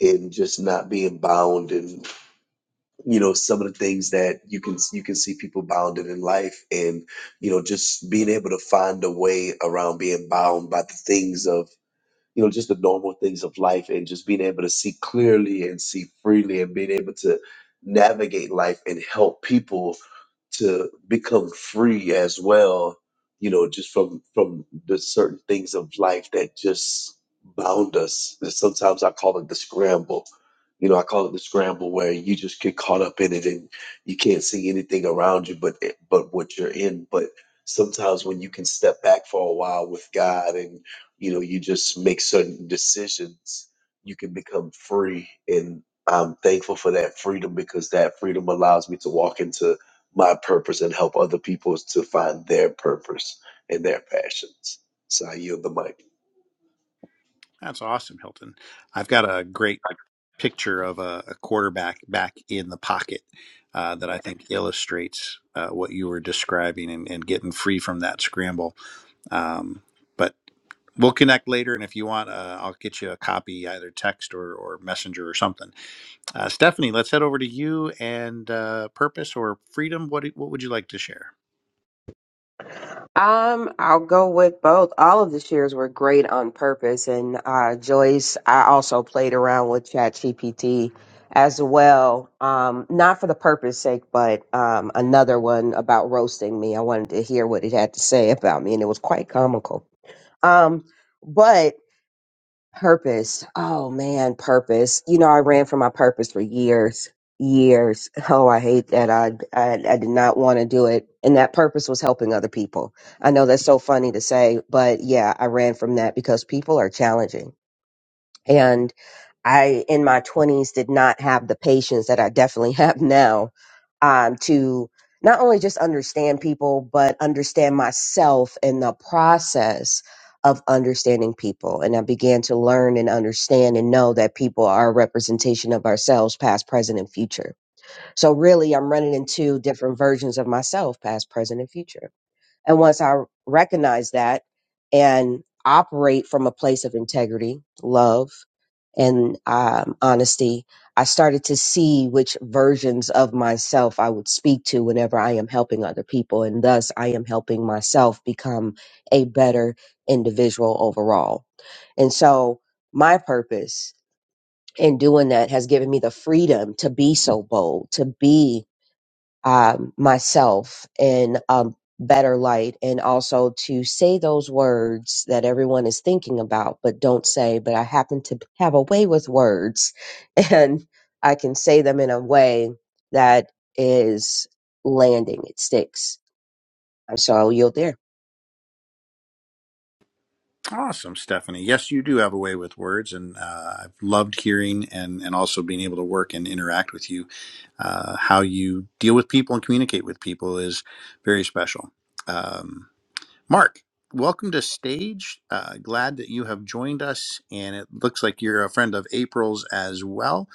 [SPEAKER 7] and just not being bound you know some of the things that you can you can see people bounded in life and you know just being able to find a way around being bound by the things of you know, just the normal things of life and just being able to see clearly and see freely and being able to navigate life and help people to become free as well, you know, just from from the certain things of life that just bound us. And sometimes I call it the scramble. You know, I call it the scramble where you just get caught up in it and you can't see anything around you but but what you're in. But sometimes when you can step back for a while with God and you know you just make certain decisions you can become free and i'm thankful for that freedom because that freedom allows me to walk into my purpose and help other people to find their purpose and their passions so i yield the mic
[SPEAKER 1] That's awesome, Hilton. I've got a great picture of a, a quarterback back in the pocket uh, that I think illustrates uh, what you were describing and, and getting free from that scramble. Um, but We'll connect later, and if you want, uh, I'll get you a copy, either text or, or messenger or something. Uh, Stephanie, let's head over to you and uh, purpose or freedom. What do- what would you like to share?
[SPEAKER 8] Um, I'll go with both. All of the shares were great on purpose, and uh, Joyce, I also played around with ChatGPT as well. Um, not for the purpose sake, but um, another one about roasting me. I wanted to hear what it had to say about me, and it was quite comical. Um, but Purpose. Oh man, purpose. You know, I ran from my purpose for years, years. Oh, I hate that. I I, I did not want to do it, and that purpose was helping other people. I know that's so funny to say, but yeah, I ran from that because people are challenging, I, in my 20s, did not have the patience that I definitely have now um, to not only just understand people, but understand myself in the process of understanding people. And I began to learn and understand and know that people are a representation of ourselves, past, present, and future. So, really, I'm running into different versions of myself, past, present, and future. And once I recognize that and operate from a place of integrity, love, and um, honesty, I started to see which versions of myself I would speak to whenever I am helping other people. And thus, I am helping myself become a better individual overall. And so, my purpose in doing that has given me the freedom to be so bold, to be um, myself in a better light and also to say those words that everyone is thinking about but don't say but i happen to have a way with words and i can say them in a way that is landing it sticks so i'll yield there
[SPEAKER 1] Awesome, Stephanie. Yes, you do have a way with words, and uh, I've loved hearing and and also being able to work and interact with you. Uh, how you deal with people and communicate with people is very special. Um, Mark, welcome to stage. Uh, glad that you have joined us, and it looks like you're a friend of April's as well.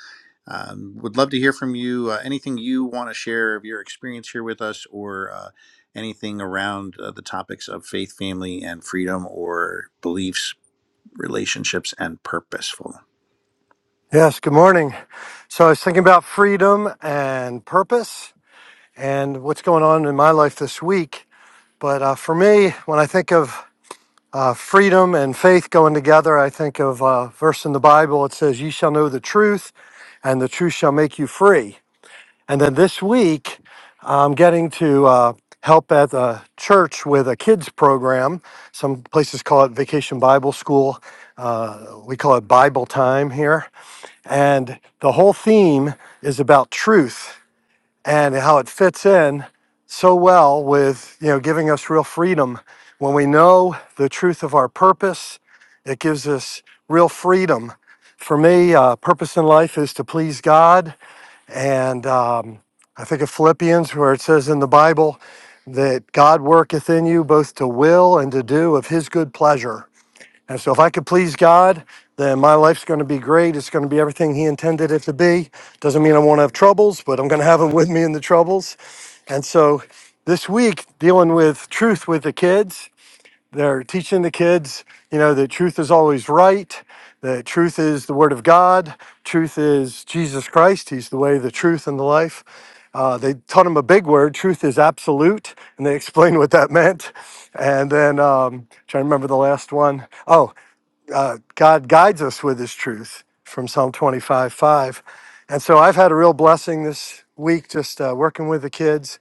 [SPEAKER 1] Um, would love to hear from you. Uh, anything you want to share of your experience here with us, or uh, anything around uh, the topics of faith, family, and freedom, or beliefs, relationships, and purposeful.
[SPEAKER 9] Yes, good morning. So I was thinking about freedom and purpose and what's going on in my life this week. But uh, for me, when I think of uh, freedom and faith going together, I think of a verse in the Bible. It says, "Ye shall know the truth, and the truth shall make you free. And then this week, I'm getting to uh, help at the church with a kids program. Some places call it Vacation Bible School. Uh, we call it Bible Time here. And the whole theme is about truth and how it fits in so well with, you know, giving us real freedom. When we know the truth of our purpose, it gives us real freedom. For me, uh, purpose in life is to please God. And um, I think of Philippians, where it says in the Bible that God worketh in you both to will and to do of his good pleasure. And so, if I could please God, then my life's going to be great. It's going to be everything He intended it to be. Doesn't mean I won't have troubles, but I'm going to have them with me in the troubles. And so, this week, dealing with truth with the kids, they're teaching the kids, you know, that truth is always right, that truth is the Word of God, truth is Jesus Christ. He's the way, the truth, and the life. Uh, they taught him a big word. Truth is absolute, and they explained what that meant. And then um, trying to remember the last one. Oh, uh, God guides us with his truth from Psalm 25 5. And so I've had a real blessing this week just uh, working with the kids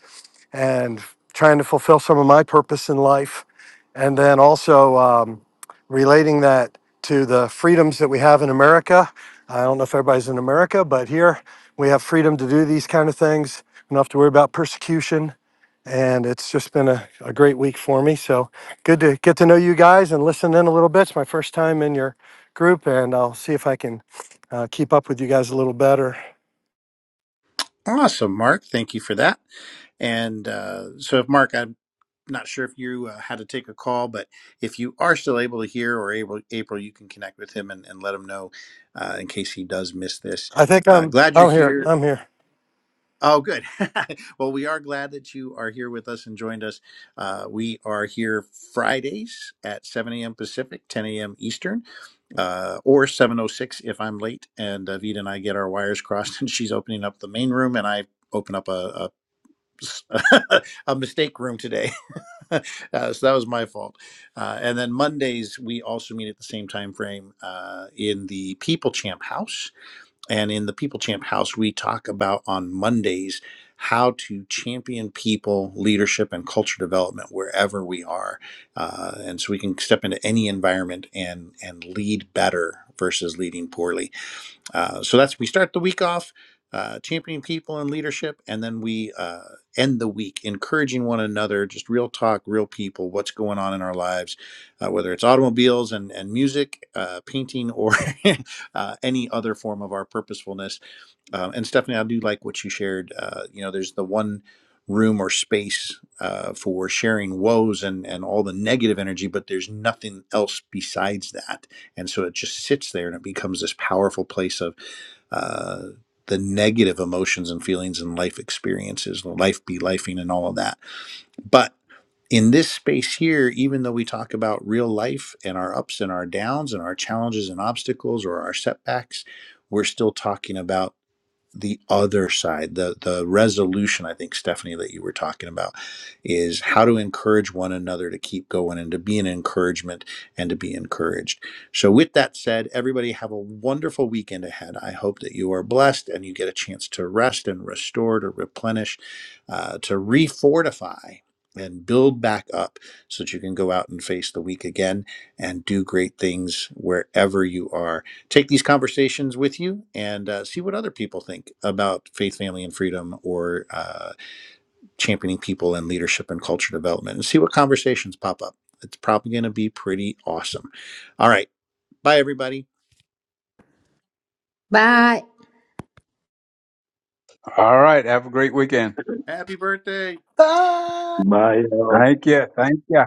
[SPEAKER 9] and trying to fulfill some of my purpose in life. And then also um, relating that to the freedoms that we have in America. I don't know if everybody's in America, but here we have freedom to do these kind of things. We don't have to worry about persecution and it's just been a, a great week for me. So good to get to know you guys and listen in a little bit. It's my first time in your group, and I'll see if I can uh, keep up with you guys a little better.
[SPEAKER 1] Awesome, Mark. Thank you for that. And uh, so, if Mark, I'm not sure if you uh, had to take a call, but if you are still able to hear or able, April, you can connect with him and, and let him know uh, in case he does miss this.
[SPEAKER 9] I think
[SPEAKER 1] Uh,
[SPEAKER 9] I'm
[SPEAKER 1] glad you're
[SPEAKER 9] I'm here.
[SPEAKER 1] here.
[SPEAKER 9] I'm here.
[SPEAKER 1] Oh, good. well, we are glad that you are here with us and joined us. Uh, we are here Fridays at 7 a.m. Pacific, 10 a.m. Eastern, uh, or 7.06 if I'm late. And uh, Vita and I get our wires crossed, and she's opening up the main room, and I open up a, a, a mistake room today. uh, so that was my fault. Uh, and then Mondays, we also meet at the same time frame uh, in the People Champ House and in the People Champ House, we talk about on Mondays how to champion people, leadership, and culture development wherever we are, uh, and so we can step into any environment and and lead better versus leading poorly. Uh, so that's we start the week off uh, championing people and leadership, and then we uh, end the week encouraging one another, just real talk, real people, what's going on in our lives, uh, whether it's automobiles and and music, uh, painting, or uh, any other form of our purposefulness. Um, and Stephanie, I do like what you shared. Uh, you know, there's the one room or space uh, for sharing woes and and all the negative energy, but there's nothing else besides that, and so it just sits there and it becomes this powerful place of uh, the negative emotions and feelings and life experiences, life be lifing and all of that. But in this space here, even though we talk about real life and our ups and our downs and our challenges and obstacles or our setbacks, we're still talking about the other side the the resolution i think stephanie that you were talking about is how to encourage one another to keep going and to be an encouragement and to be encouraged so with that said everybody have a wonderful weekend ahead i hope that you are blessed and you get a chance to rest and restore to replenish uh, to refortify and build back up so that you can go out and face the week again and do great things wherever you are take these conversations with you and uh, see what other people think about faith, family, and freedom or uh, championing people and leadership and culture development and see what conversations pop up. It's probably going to be pretty awesome. All right. Bye, everybody.
[SPEAKER 2] Bye.
[SPEAKER 6] All right. Have a great weekend.
[SPEAKER 1] Happy birthday.
[SPEAKER 5] Bye.
[SPEAKER 7] My uh,
[SPEAKER 6] Thank you. Thank you.